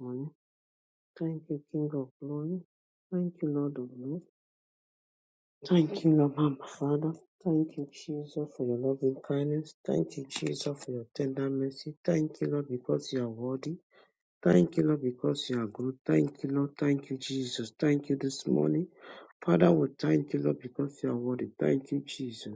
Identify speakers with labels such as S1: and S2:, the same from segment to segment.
S1: morning. Thank you, King of Glory. Thank you, Lord of Lords. Thank you, Lord and Father. Thank you, Jesus, for your loving kindness. Thank you, Jesus, for your tender mercy. Thank you, Lord, because you are worthy. Thank you, Lord, because you are good. Thank you, Lord. Thank you, Jesus. Thank you this morning. Father, we thank you, Lord, because you are worthy. Thank you, Jesus.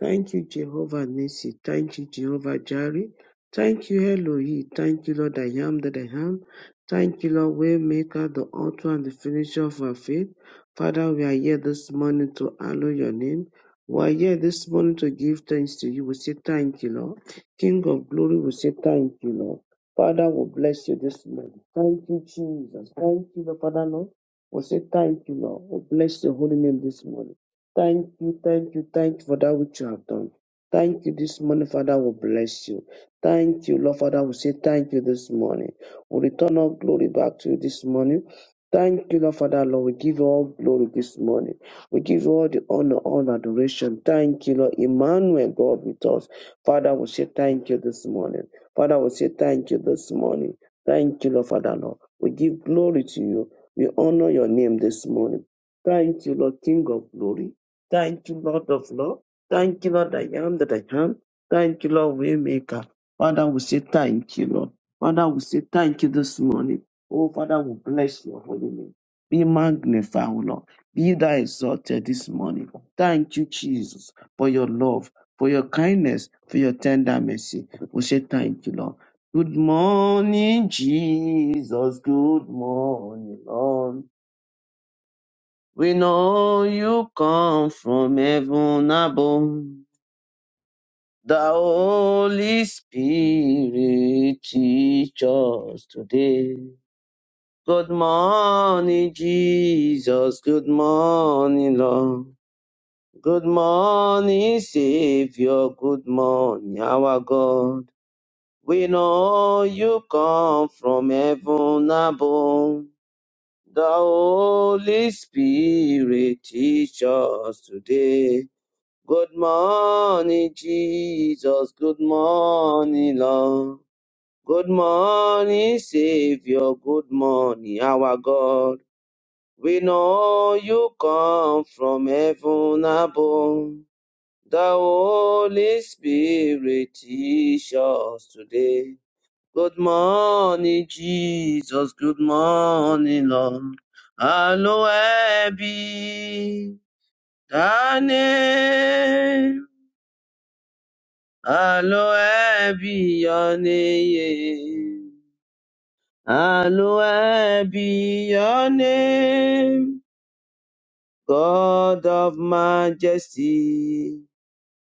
S1: Thank you, Jehovah Nissi. Thank you, Jehovah Jireh. Thank you, Elohim. Thank you, Lord, I am that I am. Thank you, Lord, Waymaker, the author and the finisher of our faith. Father, we are here this morning to hallow your name. We are here this morning to give thanks to you. We say thank you, Lord. King of glory, we say thank you, Lord. Father, we bless you this morning. Thank you, Jesus. Thank you, Lord, Father, Lord. We say thank you, Lord. We bless your holy name this morning. Thank you, thank you, thank you for that which you have done. Thank you this morning, Father. We bless you. Thank you, Lord, Father. We say thank you this morning. We return all glory back to you this morning. Thank you, Lord, Father, Lord. We give you all glory this morning. We give you all the honor, all adoration. Thank you, Lord. Emmanuel, God with us. Father, we say thank you this morning. Father, we say thank you this morning. Thank you, Lord Father, Lord. We give glory to you. We honor your name this morning. Thank you, Lord King of glory. Thank you, Lord of love. Thank you, Lord, I am that I am. Thank you, Lord, Waymaker. Father, we say thank you, Lord. Father, we say thank you this morning. Oh, Father, we bless your holy name. Be magnified, O Lord. Be thou exalted this morning. Thank you, Jesus, for your love, for your kindness, for your tender mercy. We say thank you, Lord. Good morning, Jesus. Good morning, Lord. We know you come from heaven above. The Holy Spirit teach us today. Good morning, Jesus. Good morning, Lord. Good morning, Savior. Good morning, our God. We know you come from heaven above. The Holy Spirit teach us today. Good morning, Jesus. Good morning, Lord. Good morning, Savior. Good morning, our God. We know you come from heaven above. The Holy Spirit teach us today. Good morning, Jesus. Good morning, Lord. Hallowed be thy name. Hallowed be your name. Hallowed be your name. God of majesty,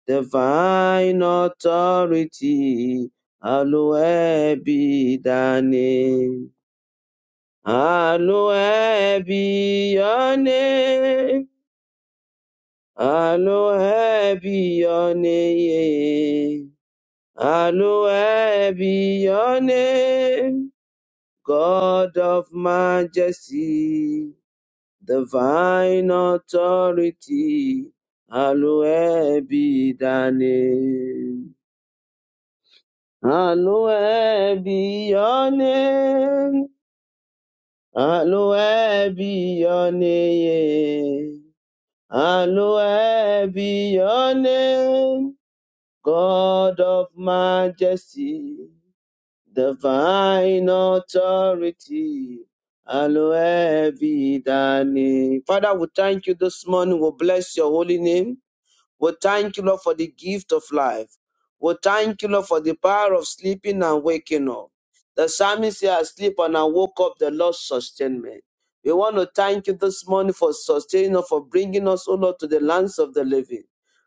S1: divine authority. Hallowed be thy name. Hallowed be your name. Hallowed be your name. Hallowed be your name. God of majesty, divine authority. Hallowed be thy name. Hallowed be your name. Hallowed be your name. Hallowed be your name, God of majesty, divine authority. Hallowed be thy name. Father, we thank you this morning. We bless your holy name. We thank you, Lord, for the gift of life. We thank you, Lord, for the power of sleeping and waking up. The psalmist said, I sleep and I woke up, the Lord sustained me. We want to thank you this morning for sustaining us, for bringing us, O Lord, to the lands of the living.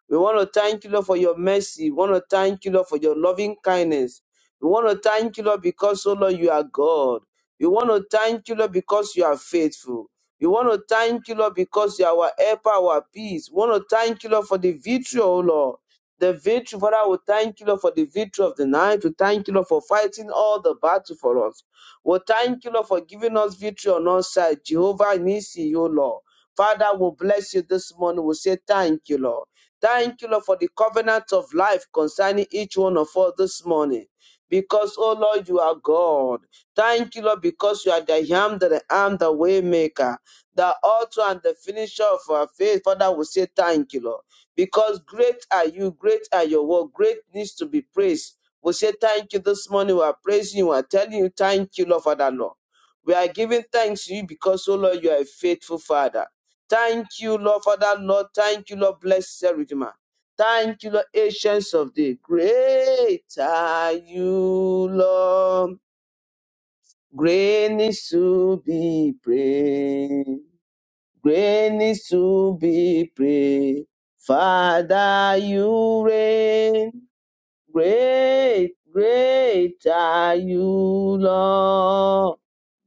S1: We want to thank you, Lord, for your mercy. We want to thank you, Lord, for your loving kindness. We want to thank you, Lord, because, O Lord, you are God. We want to thank you, Lord, because you are faithful. We want to thank you, Lord, because you are our helper, our peace. We want to thank you, Lord, for the victory, oh Lord. The victory, Father, we thank you, Lord, for the victory of the night. We thank you, Lord, for fighting all the battle for us. We thank you, Lord, for giving us victory on our side. Jehovah Nisi, oh Lord. Father, we bless you this morning. We say thank you, Lord. Thank you, Lord, for the covenant of life concerning each one of us this morning. Because, oh Lord, you are God. Thank you, Lord, because you are the I am, the I am, the way maker the author and the finisher of our faith. Father, we say thank you, Lord, because great are you, great are your work, great needs to be praised. We say thank you this morning. We are praising you. We are telling you thank you, Lord, Father, Lord. We are giving thanks to you because, oh Lord, you are a faithful Father. Thank you, Lord, Father, Lord. Thank you, Lord, blessed Redeemer. Thank you, Lord, Ancients of the Great are you, Lord. Great needs to be praised. Great needs to be praised. Father, you reign. Great, great are you, Lord.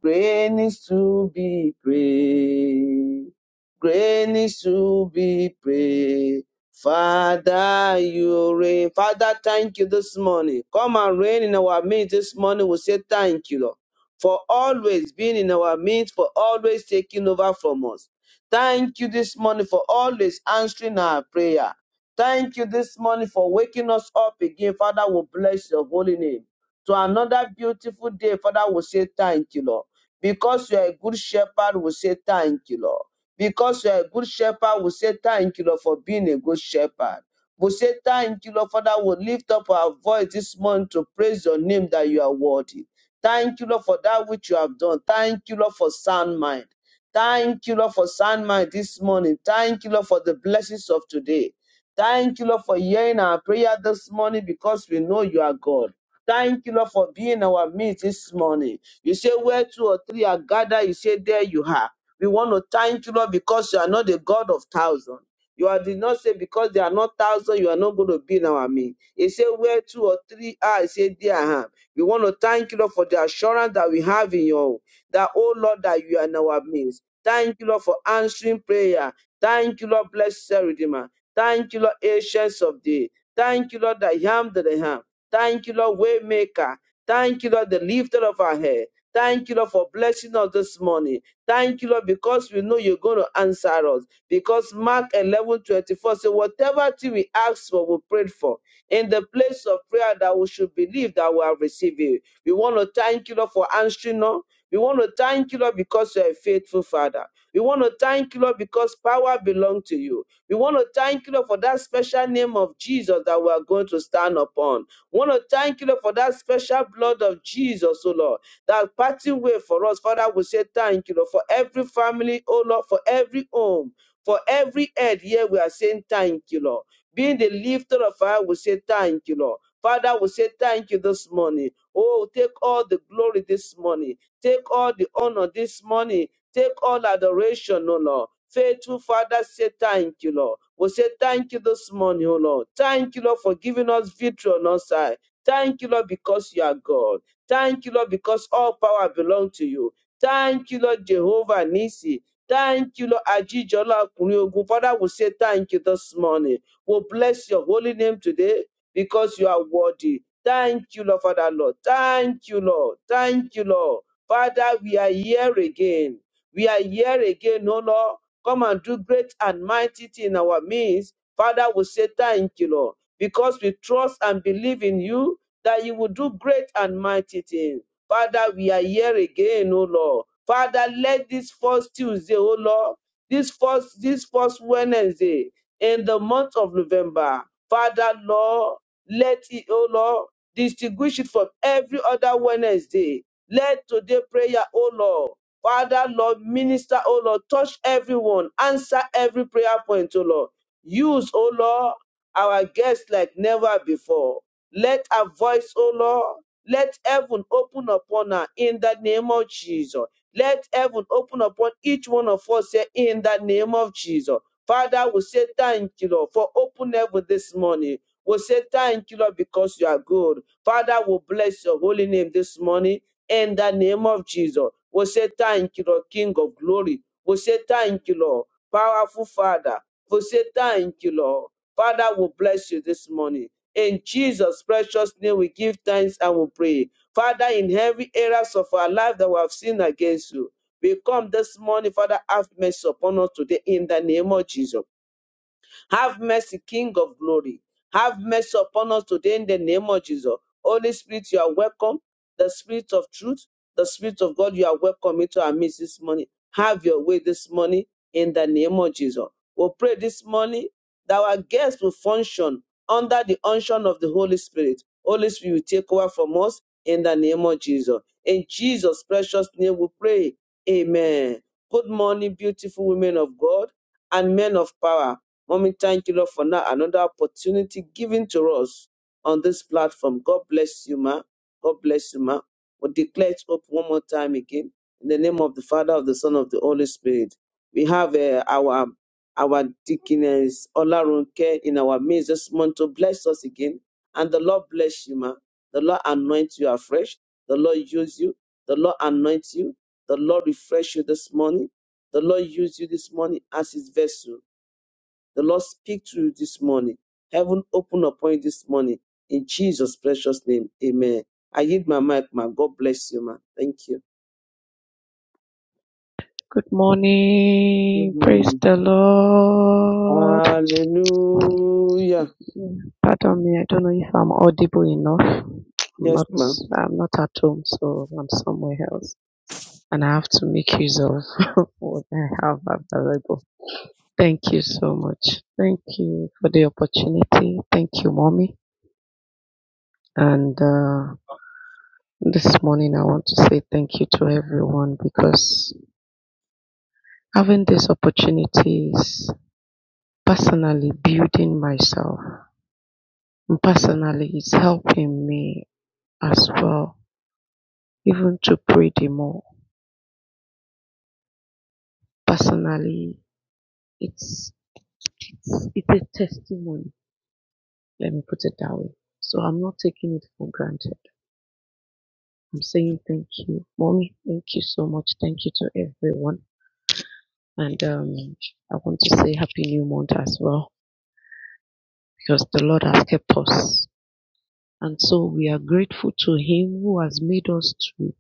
S1: Great needs to be praised. Great needs to be praised. Father, you reign. Father, thank you this morning. Come and reign in our midst this morning. We say thank you, Lord, for always being in our midst, for always taking over from us. Thank you this morning for always answering our prayer. Thank you this morning for waking us up again. Father, we bless your holy name. To another beautiful day, Father, we say thank you, Lord. Because you are a good shepherd, we say thank you, Lord. Because you are a good shepherd, we say thank you, Lord, for being a good shepherd. We say thank you, Lord, Father. We lift up our voice this morning to praise your name that you are worthy. Thank you, Lord, for that which you have done. Thank you, Lord, for sound mind. Thank you, Lord, for sound mind this morning. Thank you, Lord, for the blessings of today. Thank you, Lord, for hearing our prayer this morning because we know you are God. Thank you, Lord, for being our midst this morning. You say, Where two or three are gathered, you say, There you are. We want to thank you, Lord, because you are not the God of thousands. You are did not say because there are not thousands, you are not going to be in our midst. You say Where two or three are, you say There I am. We want to thank you, Lord, for the assurance that we have in you, that, oh Lord, that you are in our midst. Thank you, Lord, for answering prayer. Thank you, Lord, blessed Redeemer. Thank you, Lord, Ancients of Day. Thank you, Lord, I am that I am. Thank you, Lord, Waymaker. Thank you, Lord, the lifter of our head. Thank you, Lord, for blessing us this morning. Thank you, Lord, because we know you're going to answer us. Because Mark eleven twenty four 24 says, Whatever thing we ask for, we prayed for in the place of prayer that we should believe that we are receiving. We want to thank you, Lord, for answering us. We want to thank you, Lord, because you're a faithful Father. We want to thank you, Lord, because power belongs to you. We want to thank you, Lord, for that special name of Jesus that we are going to stand upon. We want to thank you, Lord, for that special blood of Jesus, oh Lord, that parting way for us. Father, we say thank you, Lord, for every family, oh Lord, for every home, for every head here, we are saying thank you, Lord. Being the lifter of our, head, we say thank you, Lord. Father, we say thank you this morning. Oh, take all the glory this morning. Take all the honor this morning. Take all adoration, O Lord. Faithful Father, say thank you, Lord. We say thank you this morning, O Lord. Thank you, Lord, for giving us victory on our side. Thank you, Lord, because you are God. Thank you, Lord, because all power belongs to you. Thank you, Lord, Jehovah Nisi. Thank you, Lord, Ajijola Ogun. Father, we say thank you this morning. We bless your holy name today because you are worthy. Thank you, Lord, Father, Lord. Thank you, Lord. Thank you, Lord. Father, we are here again. We are here again, O Lord. Come and do great and mighty things in our midst. Father, we say thank you, Lord, because we trust and believe in you that you will do great and mighty things. Father, we are here again, O Lord. Father, let this first Tuesday, O Lord, this first this first Wednesday in the month of November. Father, Lord, let it, oh Lord, distinguish it from every other Wednesday. Let today prayer, oh Lord. Father, Lord, minister, oh Lord, touch everyone, answer every prayer point, oh Lord. Use, oh Lord, our guests like never before. Let our voice, O Lord, let heaven open upon her in the name of Jesus. Let heaven open upon each one of us here in the name of Jesus. Father, we say thank you, Lord, for open heaven this morning. We'll say thank you, Lord, because you are good. Father, we bless your holy name this morning in the name of Jesus. We'll say thank you, Lord, King of glory. We'll say thank you, Lord, powerful Father. We'll say thank you, Lord. Father, we bless you this morning. In Jesus' precious name, we give thanks and we pray. Father, in every areas of our life that we have sinned against you, we come this morning, Father, have mercy upon us today in the name of Jesus. Have mercy, King of glory. Have mercy upon us today in the name of Jesus. Holy Spirit, you are welcome. The Spirit of truth, the Spirit of God, you are welcome into our midst this morning. Have your way this morning in the name of Jesus. we pray this morning that our guests will function under the unction of the Holy Spirit. Holy Spirit will take over from us in the name of Jesus. In Jesus' precious name we pray. Amen. Good morning, beautiful women of God and men of power. Mommy, thank you, Lord, for now another opportunity given to us on this platform. God bless you, ma. God bless you, ma. We declare it up one more time again in the name of the Father, of the Son, of the Holy Spirit. We have uh, our our deaconess Olarunke in our midst this month to bless us again, and the Lord bless you, ma. The Lord anoint you afresh. The Lord use you. The Lord anoint you. The Lord refresh you this morning. The Lord use you this morning as His vessel the Lord speak to you this morning. Heaven open upon you this morning. In Jesus' precious name. Amen. I give my mic, man. God bless you, man. Thank you.
S2: Good
S1: Good
S2: morning. Praise
S1: morning.
S2: the Lord. Pardon
S1: Hallelujah.
S2: me. I don't know if I'm audible enough. I'm
S1: Yes,
S2: not,
S1: ma.
S2: I'm not at home, so I'm somewhere else. And I have to
S3: Thank
S2: make
S3: you,
S2: use of what I have available. Thank you so much. Thank you for the opportunity. Thank you, mommy. And, uh, this morning I want to say thank you to everyone because having this opportunity is personally building myself Personally it's helping me as well even to pray the more. Personally it's it's it's a testimony, let me put it that way. So I'm not taking it for granted. I'm saying thank you. Mommy, thank you so much. Thank you to everyone. And um I want to say happy new month as well because the Lord has kept us. And so we are grateful to Him who has made us to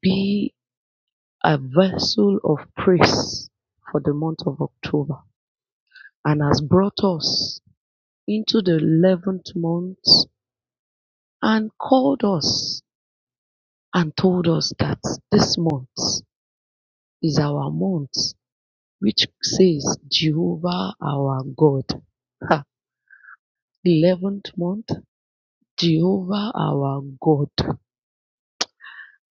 S2: be a vessel of praise for the month of October and has brought us into the 11th month and called us and told us that this month is our month, which says Jehovah our God. Ha, 11th month, Jehovah our God,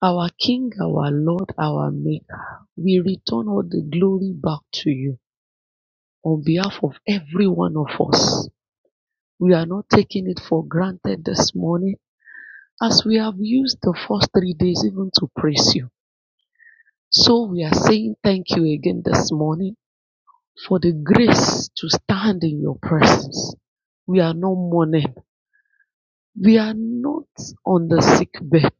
S2: our King, our Lord, our Maker. We return all the glory back to you on behalf of every one of us We are not taking it for granted this morning as we have used the first three days even to praise you. So we are saying thank you again this morning for the grace to stand in your presence. We are not mourning. We are not on the sick bed.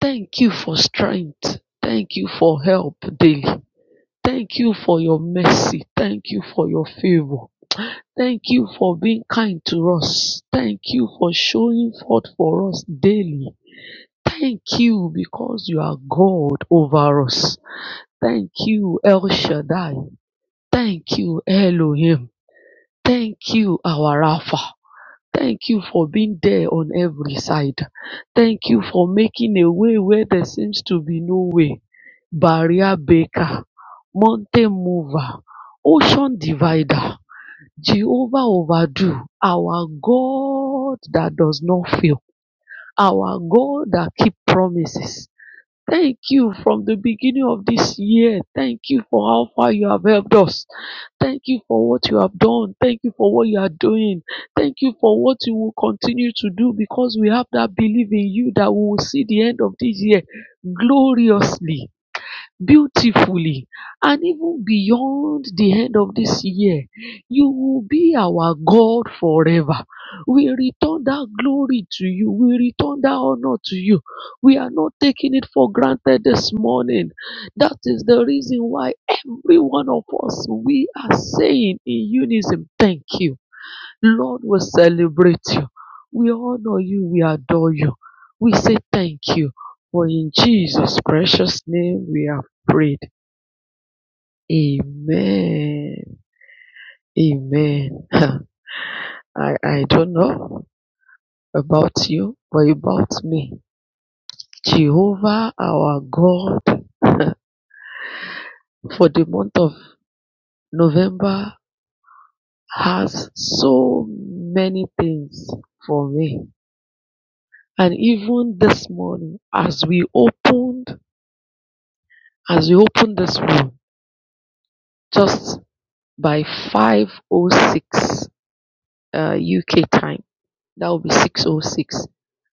S2: Thank you for strength. Thank you for help daily. Thank you for your mercy. Thank you for your favor. Thank you for being kind to us. Thank you for showing forth for us daily. Thank you because you are God over us. Thank you, El Shaddai. Thank you, Elohim. Thank you, our Rapha. Thank you for being there on every side. Thank you for making a way where there seems to be no way. Barrier Baker, Mountain Mover, Ocean Divider, Jehovah Overdo, our God that does not fail, our God that keeps promises Thank you from the beginning of this year. Thank you for how far you have helped us. Thank you for what you have done. Thank you for what you are doing. Thank you for what you will continue to do because we have that belief in you that we will see the end of this year gloriously beautifully and even beyond the end of this year. You will be our God forever. We return that glory to you. We return that honor to you. We are not taking it for granted this morning. That is the reason why every one of us, we are saying in unison, thank you. Lord, we celebrate you. We honor you. We adore you. We say thank you. For in Jesus' precious name we have prayed. Amen. Amen. I, I don't know about you, but about me. Jehovah our God for the month of November has so many things for me. And even this morning, as we opened as we open this room just by 506 uh, UK time, that will be 606.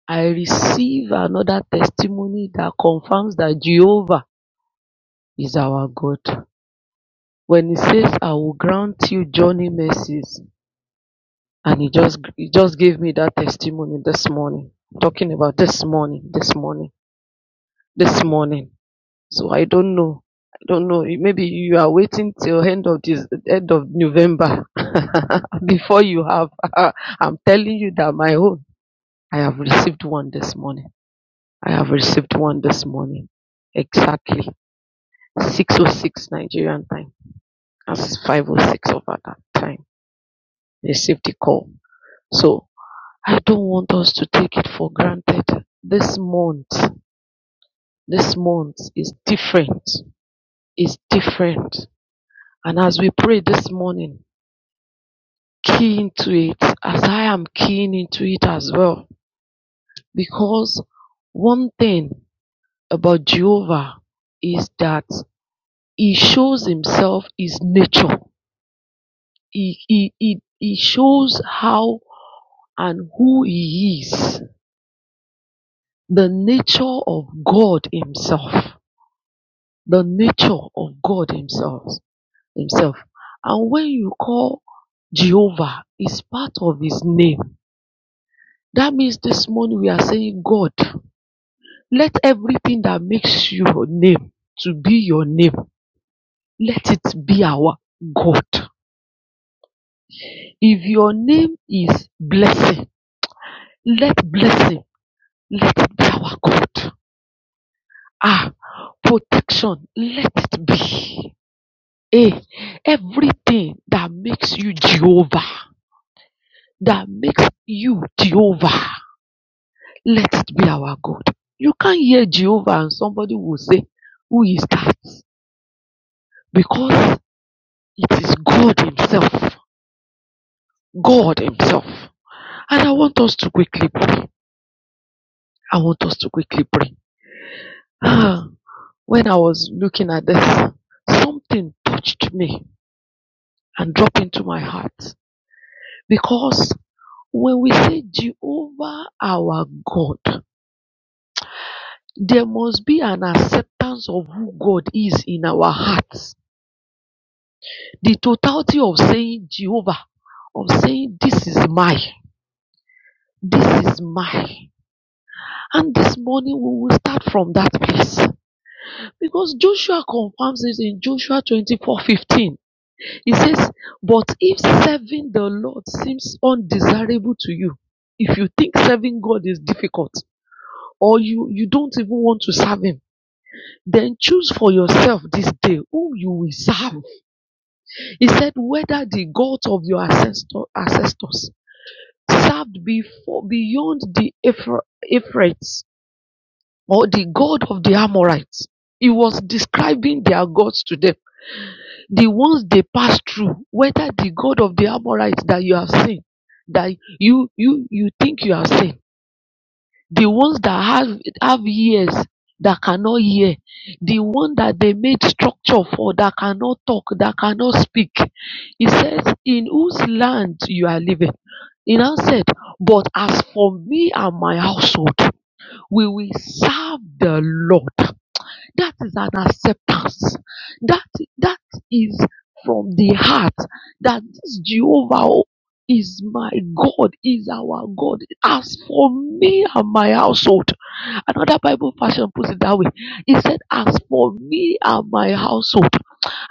S2: I receive another testimony that confirms that Jehovah is our God. When he says, I will grant you journey mercies, and he just he just gave me that testimony this morning. I'm Talking about this morning, this morning, this morning. So I don't know. I don't know. You- Maybe you are waiting till end of this end of November before you have. I'm telling you that my own. I have received one this morning. I have received one this morning. Exactly six oh six Nigerian time. That's five oh six over that time. Received the call. So I don't want us to take it for granted. This month, this month is different. Is different. And as we pray this morning, key into it as I am keen into it as well. Because one thing about Jehovah is that he shows himself his nature. He, he, he, he shows how and who he is. The nature of God himself. The nature of God himself. himself. And when you call Jehovah, it's part of his name. That means this morning we are saying God Let everything that makes your name to be your name, let it be our God. If your name is blessing, let blessing, let it be our God. Ah, protection, let it be. Eh, everything that makes you Jehovah, that makes you Jehovah, let it be our God. You can't hear Jehovah and somebody will say, Who is that? Because it is God Himself. God Himself. And I want us to quickly pray. I want us to quickly pray. Ah, when I was looking at this, something touched me and dropped into my heart. Because when we say Jehovah our God, there must be an acceptance of who God is in our hearts. The totality of saying Jehovah, of saying this is my, this is my. And this morning we will start from that place. Because Joshua confirms it in Joshua 24:15. He says, But if serving the Lord seems undesirable to you, if you think serving God is difficult, or you, you don't even want to serve Him, then choose for yourself this day whom you will serve. He said, Whether the God of your ancestor, ancestors served before beyond the Ephra- Ephrates or the God of the Amorites. He was describing their gods to them the ones they passed through, whether the God of the Amorites that you have seen, that you you you think you have seen, the ones that have have ears that cannot hear, the one that they made structure for that cannot talk, that cannot speak. He says, In whose land you are living? He now said, But as for me and my household, we will serve the Lord. That is an acceptance. That that is from the heart that this Jehovah is my God, is our God. As for me and my household, another Bible version puts it that way. He said, As for me and my household,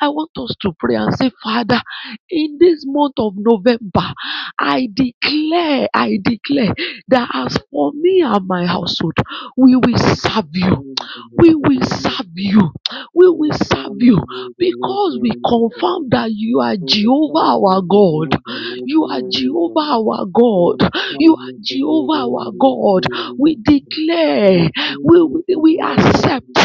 S2: I want us to pray and say, Father, in this month of November, I declare, I declare that as for me and my household, we will serve you we will serve you. We will serve you because we confirm that you are Jehovah our God. You are Jehovah our
S1: Thank
S2: God. You are Jehovah our God. We declare, we, we, we accept,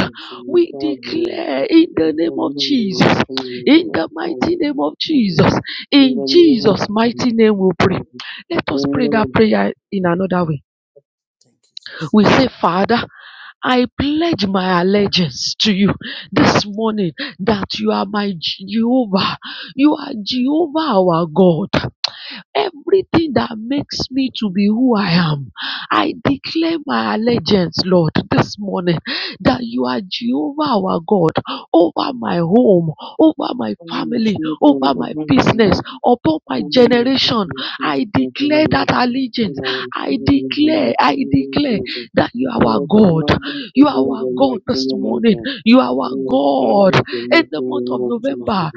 S2: we declare in the name of Jesus, in the mighty name of Jesus, in Jesus' mighty name we pray. Let us pray that prayer in another way. We
S3: Jesus.
S2: say, Father, I pledge my allegiance to you this morning that you are my Jehovah. You are Jehovah our God everything that makes me to be who I am. I declare my allegiance, Lord, this morning that you are Jehovah our God over my home, over my family, over my business, upon my generation. I declare that allegiance. I declare, I declare that you are our God. You are our God this morning.
S1: you.
S2: You are our
S1: And God
S2: God.
S1: is the
S2: In
S1: mighty
S2: the month
S1: name
S2: of
S1: of Jesus.
S2: November,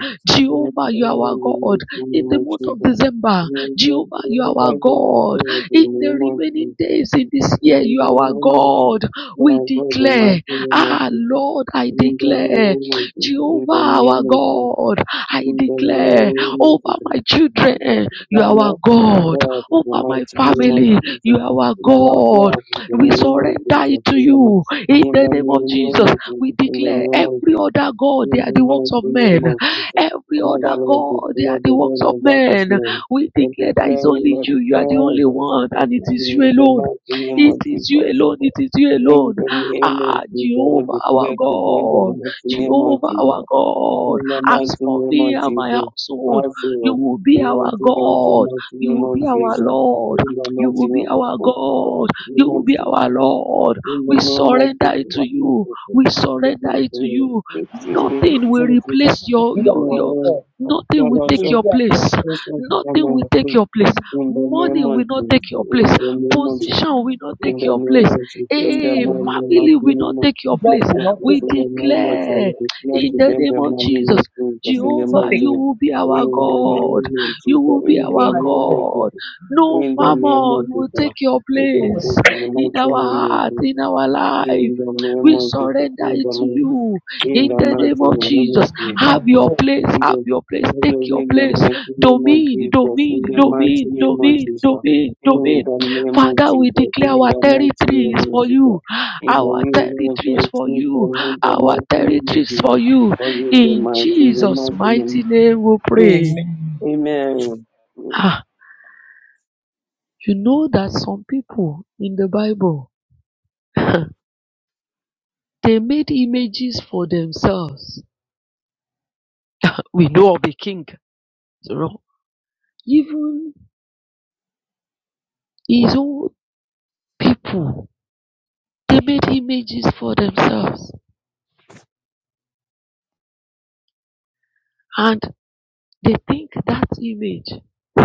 S1: And
S2: Jehovah, you are
S1: God
S2: our God.
S1: is the mighty
S2: In
S1: name
S2: the
S1: of
S2: month of
S1: Jesus.
S2: December,
S1: And God,
S2: Jehovah, you are our
S1: wherever you are,
S2: God.
S1: there is the
S2: In the
S1: name of
S2: remaining
S1: Jesus.
S2: days in this year,
S1: In
S2: you
S1: the
S2: are our
S1: name of Jesus,
S2: God.
S1: my
S2: We
S1: God, the mighty
S2: declare,
S1: name of
S2: Ah,
S1: Jesus.
S2: Lord, I
S1: In the
S2: declare,
S1: name of Jesus, in the
S2: Jehovah, our
S1: name of Jesus,
S2: God, I
S1: in the
S2: declare
S1: name of
S2: over
S1: Jesus.
S2: my
S1: And that
S2: children, you are our
S1: Father, our
S2: God.
S1: God is the
S2: Over my
S1: mighty name of
S2: family, you
S1: Jesus.
S2: are our
S1: And our
S2: God.
S1: God is the
S2: We
S1: name of
S2: surrender it
S1: Jesus.
S2: to
S1: In the mighty
S2: you in
S1: in the
S2: the name of
S1: name
S2: Jesus.
S1: of Jesus,
S2: We
S1: in the
S2: declare
S1: name of
S2: every
S1: Jesus,
S2: other God, they
S1: in
S2: are
S1: the
S2: the works
S1: mighty
S2: of
S1: name
S2: men.
S1: of Jesus.
S2: Every other
S1: Father, Lord, we
S2: God, they are
S1: declare
S2: the
S1: the
S2: works
S1: name
S2: of
S1: of God this
S2: men.
S1: morning.
S2: We
S1: We
S2: declare that
S1: declare
S2: it's only
S1: it
S2: you.
S1: with
S2: You are the
S1: all
S2: only
S1: this.
S2: one, and it is
S1: In
S2: you
S1: the
S2: alone.
S1: mighty name
S2: It
S1: of
S2: is you
S1: Jesus.
S2: alone. It is you
S1: In
S2: alone.
S1: the name of
S2: Ah,
S1: Jesus, we
S2: Jehovah our
S1: declare today the
S2: God.
S1: mighty name of
S2: Jehovah our
S1: Jesus.
S2: God.
S1: In the
S2: As
S1: mighty
S2: for
S1: name
S2: me
S1: of
S2: and my
S1: Jesus.
S2: household,
S1: Our Savior,
S2: you will be
S1: we
S2: our
S1: will give unto the
S2: God.
S1: mighty
S2: You
S1: name
S2: will be
S1: of
S2: our
S1: Jesus.
S2: Lord.
S1: In the
S2: You
S1: mighty
S2: will be
S1: name
S2: our God. You will
S1: of
S2: be
S1: Jesus.
S2: our Lord.
S1: In the
S2: We
S1: name of
S2: surrender it
S1: Jesus,
S2: to
S1: what I
S2: you.
S1: do
S2: We
S1: for us, I
S2: surrender
S1: do
S2: it
S1: for
S2: to
S1: you.
S2: you.
S1: To see me,
S2: Nothing will
S1: Lord Jesus.
S2: replace
S4: if
S2: your
S4: you
S1: in
S2: your
S4: are at
S2: your
S1: the
S4: all,
S2: nothing
S1: name
S2: will
S4: you
S1: of
S4: will
S2: take
S1: Jesus,
S2: your
S4: be at all.
S2: place. Nothing will take your place.
S1: in the
S2: Money
S1: name
S2: will not take your place.
S1: of Jesus,
S2: Position will
S4: You
S2: not take
S4: Take
S1: in the
S4: your
S2: your
S1: name
S2: place.
S4: place.
S1: of Jesus,
S4: The
S1: in the name of Jesus, in
S4: teacher
S1: the
S2: A
S1: name
S4: will not take
S2: family
S1: of
S4: your
S2: will
S4: place.
S2: not take your
S4: God
S2: place.
S4: will not
S1: Jesus.
S4: take
S2: We
S4: your
S1: In
S4: place.
S1: the name of
S2: declare
S1: Jesus, not
S2: in
S1: to
S2: the
S1: bend
S2: name
S1: the
S2: of
S1: name
S2: Jesus.
S1: of Jesus, in the
S2: Jehovah,
S4: Not
S1: mighty
S4: take
S2: you
S4: it.
S1: name
S2: will be our
S1: In the
S2: God.
S1: name of
S2: You
S1: Jesus.
S2: will be
S1: in
S4: you. be
S1: the
S2: our
S4: my
S1: name
S4: God.
S1: of
S2: God.
S1: Jesus,
S2: No
S1: in the name
S2: mammon
S1: of
S2: will take
S1: Jesus.
S2: your
S1: In
S2: place
S1: the
S2: in
S1: mighty
S2: our
S1: name of
S2: heart,
S1: Jesus.
S2: in our life.
S1: In the name
S2: We
S1: of Jesus,
S2: surrender
S1: in
S2: it
S1: the
S2: to
S1: mighty,
S2: you
S1: in
S2: in
S1: the
S2: the
S4: My
S2: name
S1: mighty
S2: of
S4: God.
S1: name of
S2: Jesus.
S4: You be
S1: Jesus,
S2: Have
S4: my
S2: your
S4: God.
S2: place,
S1: in
S2: have
S1: the
S2: your place, take your
S1: in the
S2: place
S1: mighty name of
S2: domain,
S1: Jesus,
S2: domain,
S1: in the mighty
S2: domain,
S1: name of
S2: domain,
S1: Jesus,
S2: domain, domain.
S1: in the name of
S2: Father, we
S1: Jesus,
S2: declare
S1: in
S2: our
S1: the mighty
S2: territory
S1: name
S2: is
S1: of
S2: for you.
S1: Jesus, in the
S2: Our
S1: name
S2: territory
S1: of
S2: is
S1: Jesus,
S2: for
S1: in the mighty
S2: you.
S1: name
S2: Our territory
S1: of
S2: is for
S1: Jesus,
S2: you.
S1: for in the
S2: In
S1: mighty name
S2: Jesus'
S1: of
S2: mighty
S1: Jesus,
S2: name we pray.
S4: Amen.
S1: Amen.
S2: Ah, you know that some people in the Bible, they made images for themselves. We know of the king, you know. Even his own people, they made images for themselves. and. They think that image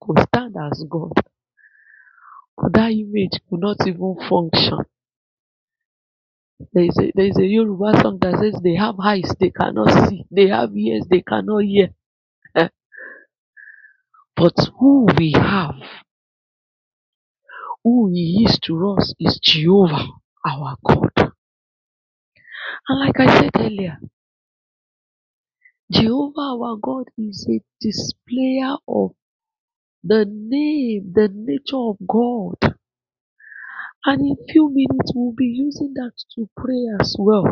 S2: could stand as God. That image could not even function. There is a, there is a Yoruba song that says they have eyes they cannot see, they have ears they cannot hear. But who we have, who He is to us, is Jehovah our God. And like I said earlier, Jehovah our God is a displayer of the name, the nature of God. And in few minutes, we'll be using that to pray as well.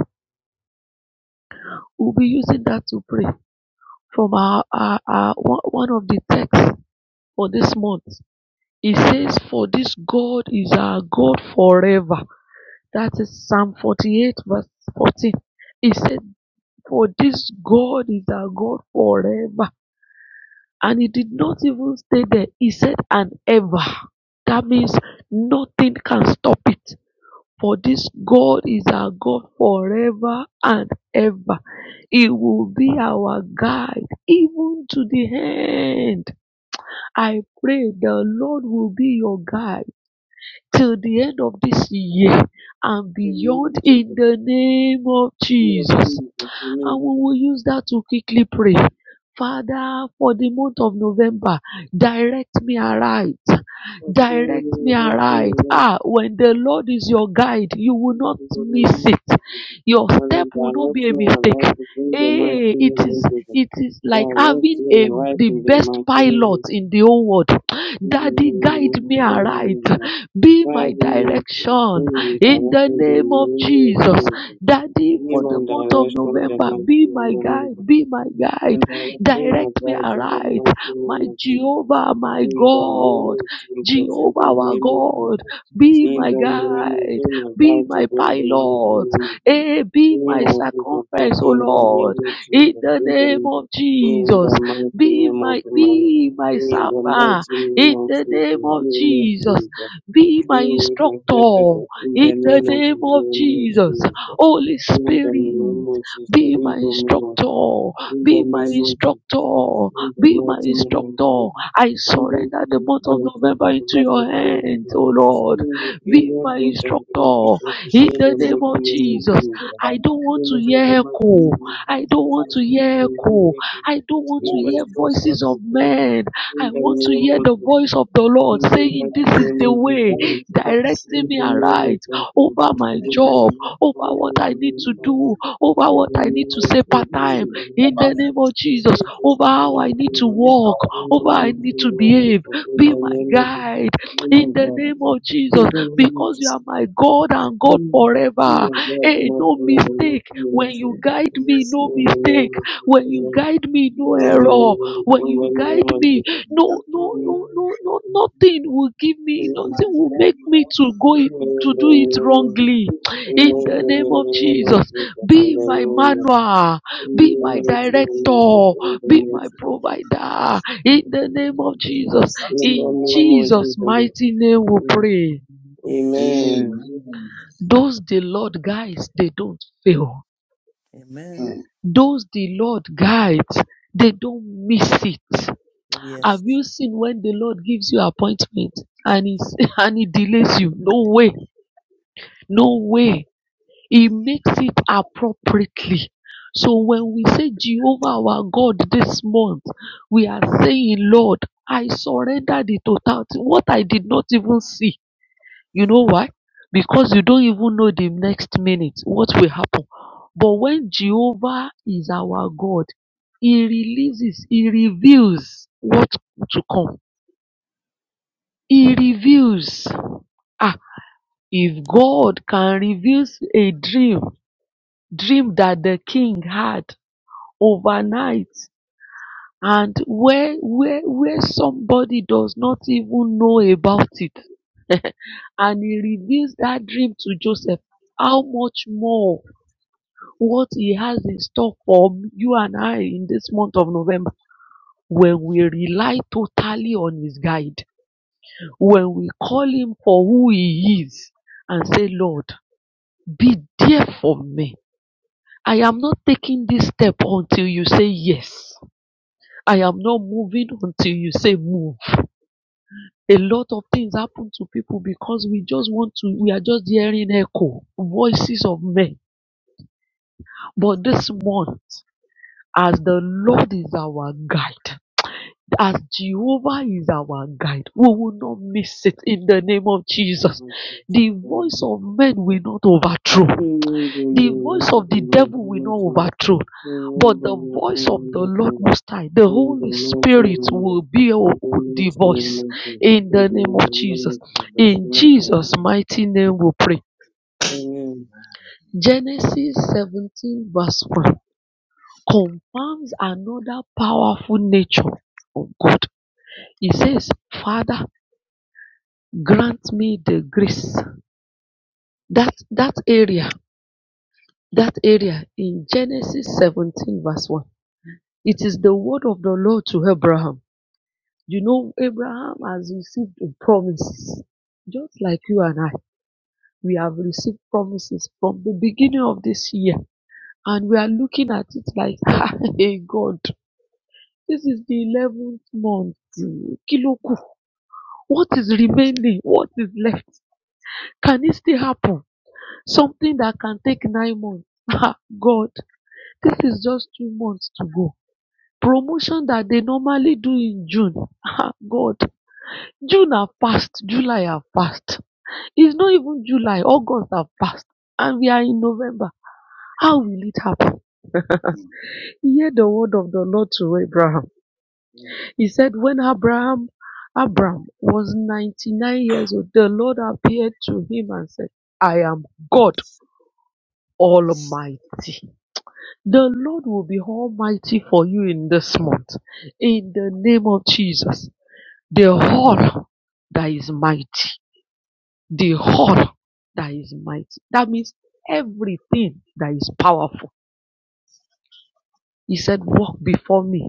S2: We'll be using that to pray from our, our, our one of the texts for this month. It says, For this God is our God forever. That is Psalm 48, verse 14. It said, For this God is our God forever. And he did not even stay there. He said, And ever. That means nothing can stop it. For this God is our God forever and ever. He will be our guide even to the end. I pray the Lord will be your guide till the end of this year and beyond
S1: Amen.
S2: in
S1: Jesus.
S2: the name of
S1: Amen.
S2: Jesus
S1: Jesus.
S2: and
S1: Amen.
S2: we will use that to quickly pray. Father, for the month of November, direct me aright.
S1: Pastor, in
S2: Direct me
S1: the mighty
S2: aright.
S1: name
S2: Ah, when the Lord is your guide, you will
S1: of Jesus,
S2: not
S1: in the
S2: miss
S1: name of
S2: it.
S1: Jesus.
S2: Your
S1: Father
S2: step will
S1: God,
S2: not
S1: let
S2: be a
S1: me and right
S2: mistake.
S1: to do the mighty
S2: Hey, it
S1: name
S2: is
S1: of Jesus.
S2: it is like
S1: God, let
S2: having
S1: me and
S2: a
S1: right
S2: the
S1: to the
S2: best
S1: mighty name
S2: pilot
S1: of Jesus.
S2: in the whole world.
S1: In the
S2: Daddy,
S1: name
S2: guide
S1: of
S2: me
S1: God, in
S2: aright.
S1: your life.
S2: Be my
S1: God, in your faith,
S2: direction
S1: in your
S2: in the
S1: direction, in the
S2: name of
S1: mighty name of
S2: Jesus.
S1: Jesus.
S2: Daddy,
S1: In
S2: for
S1: my
S2: the month of
S1: direction, in the
S2: November,
S1: mighty
S2: be
S1: and
S2: my
S1: the mighty
S2: guide,
S1: of
S2: be
S1: Jesus.
S2: my guide.
S1: And direct me, my
S2: Direct me
S1: God, in the
S2: aright.
S1: mighty
S2: My
S1: name of Jesus.
S2: Jehovah, my
S1: In the name
S2: God,
S1: of Jesus, in
S2: Jehovah,
S1: the
S2: our
S1: name of
S2: God,
S1: Jesus.
S2: be
S1: In
S2: my
S1: the name of
S2: guide,
S1: Jesus, I
S2: be
S1: to
S2: my
S1: do the mighty name
S2: pilot,
S1: of Jesus
S2: eh, be
S1: name
S2: my
S1: of Jesus, that
S2: circumference, O
S1: in the
S2: Lord,
S1: name of
S2: in
S1: Jesus,
S2: the
S1: in
S2: name
S1: the,
S2: of
S1: in
S2: Jesus.
S1: the mighty
S2: Be
S1: name of
S2: my,
S1: the man,
S2: be my
S1: in the
S2: summer,
S1: mighty name
S2: in
S1: of
S2: the
S1: Jesus,
S2: name of
S1: name of
S2: Jesus.
S1: Jesus,
S2: Be my
S1: in the blessed,
S2: instructor,
S1: in
S2: in
S1: the
S2: the
S3: Thank
S1: name
S3: you.
S1: of the
S2: name of
S1: name of
S2: Jesus.
S1: Jesus,
S2: Holy
S1: in the
S2: Spirit,
S1: name of Jesus,
S2: be my
S1: in the name of
S2: instructor,
S1: in the
S2: be my
S1: name of Jesus,
S2: instructor,
S1: in the
S2: be my
S1: mighty name of Jesus,
S2: instructor. I
S1: in the
S2: surrender the month of
S1: name of Jesus, in
S2: November
S1: the
S2: into
S1: mighty name of
S2: your hands,
S1: Jesus,
S2: oh Lord.
S1: in
S2: Be
S1: India,
S2: my
S1: content
S2: instructor
S1: industry is
S2: in the
S1: the
S2: name
S1: most
S2: of Jesus.
S1: lucrative.
S2: I don't want
S1: In
S2: to
S1: the
S2: hear
S1: tobacco
S2: echo.
S1: industry,
S2: I don't
S1: in
S2: want to
S1: the
S2: hear
S1: sugar
S2: echo.
S1: industry,
S2: I don't want to
S1: in the
S2: hear
S1: construction
S2: voices of
S1: industry,
S2: men.
S1: in
S2: I
S1: the
S2: want to
S1: mineral
S2: hear the
S1: industry,
S2: voice of the Lord
S1: in the
S2: saying, This is the
S1: manufacturing
S2: way,
S1: industry, in
S2: directing me
S1: the oil
S2: aright
S1: and gas industry,
S2: over my
S1: in
S2: job
S1: the
S2: over what I need
S1: automobile
S2: to do, over
S1: industry, in
S2: what I
S1: the
S2: need to say
S1: electronics
S2: part
S1: industry,
S2: time in the name of
S1: in the
S2: Jesus, over
S1: construction
S2: how I
S1: industry,
S2: need to
S1: in
S2: walk,
S1: the
S2: over how I
S1: automobile
S2: need
S1: industry, in
S2: to behave. Be
S1: the
S2: my
S1: mineral industry,
S2: guide
S1: in
S2: in
S1: the
S2: the
S1: gas.
S2: name of
S1: We
S2: Jesus
S1: don't need
S2: because
S1: to
S2: you are
S1: be
S2: my God and God forever.
S1: and God the
S2: Hey,
S1: mighty
S2: no
S1: man, and not
S2: mistake.
S1: be in
S2: When
S1: it
S2: you
S1: or
S2: guide
S1: anything.
S2: me, no
S1: In the
S2: mistake.
S1: name of Jesus,
S2: When you
S1: amen. In
S2: guide me, no
S1: the name,
S2: error. When
S1: in the
S2: you guide
S1: name of
S2: me,
S1: Jesus,
S2: no, no,
S1: amen.
S2: no, no, no, nothing will give me, nothing will make me to go it, to do it
S1: Amen.
S2: wrongly
S1: In the
S2: in
S1: name of, amen. In the name of
S2: the name of Jesus.
S1: Jesus,
S2: Be
S1: in
S2: my manual, be my director, be my provider in the name of Jesus.
S1: the name of, in the mighty name of Jesus, in the mighty name of Jesus, in
S2: In
S1: the name of Jesus, amen. Amen. Amen. In
S2: Jesus' mighty name we pray. Those the Lord guides, they don't fail.
S5: Amen.
S3: Amen.
S5: Hmm.
S2: Those the Lord guides, they don't miss it. Have you seen when the Lord gives you appointment and he, and he delays you? No way. No way He makes it appropriately. So when we say Jehovah our God this month, we are saying, Lord, I surrender the totality, what I did not even see. You know why? Because you don't even know the next minute what will happen. But when Jehovah is our God, He releases, He reveals what to come. He reveals. Ah, if God can reveal a dream, dream that the king had, overnight and where where where somebody does not even know about it and he reveals that dream to joseph how much more what he has in store for you and i in this month of november when we rely totally on his guide when we call him for who he is and say lord be there for me i am not taking this step until you say yes i am not moving until you say move a lot of things happen to people because we just want to we are just hearing echo voices of men but this month as the lord is our guide as jehovah is our guide we will not miss it in the name of jesus the voice of men will not overthrow the voice of the
S1: the name of
S2: devil will not
S1: Jesus, amen.
S2: overthrow, but the
S1: Amen.
S2: voice of the Lord Most High, the Holy Spirit, will be the voice in the name of Jesus. In Jesus' mighty name, we pray. Genesis 17, verse 1 confirms another powerful nature of God. He says, Father, grant me the grace. That, that area, that area in Genesis 17, verse 1 It is the word of the Lord to Abraham. You know, Abraham has received promises, just like you and I. We have received promises from the beginning of this year, and we are looking at it like, hey God, this is the eleventh month. Kiloku, what is remaining? What is left? Can it still happen? Something that can take nine months. God, this is just two months to go. Promotion that they normally do in June. God. June have passed, July have passed. It's not even July, August have passed, and we are in November. How will it happen?
S5: Mm.
S2: He heard the word of the Lord to Abraham.
S5: Mm.
S2: He said, When Abraham Abraham was 99 years old, the Lord appeared to him and said, I am God Almighty. The Lord will be Almighty for you in this month. In the name of Jesus, the whole that is mighty. the whole that is mighty. That means everything that is powerful. He said, Walk before me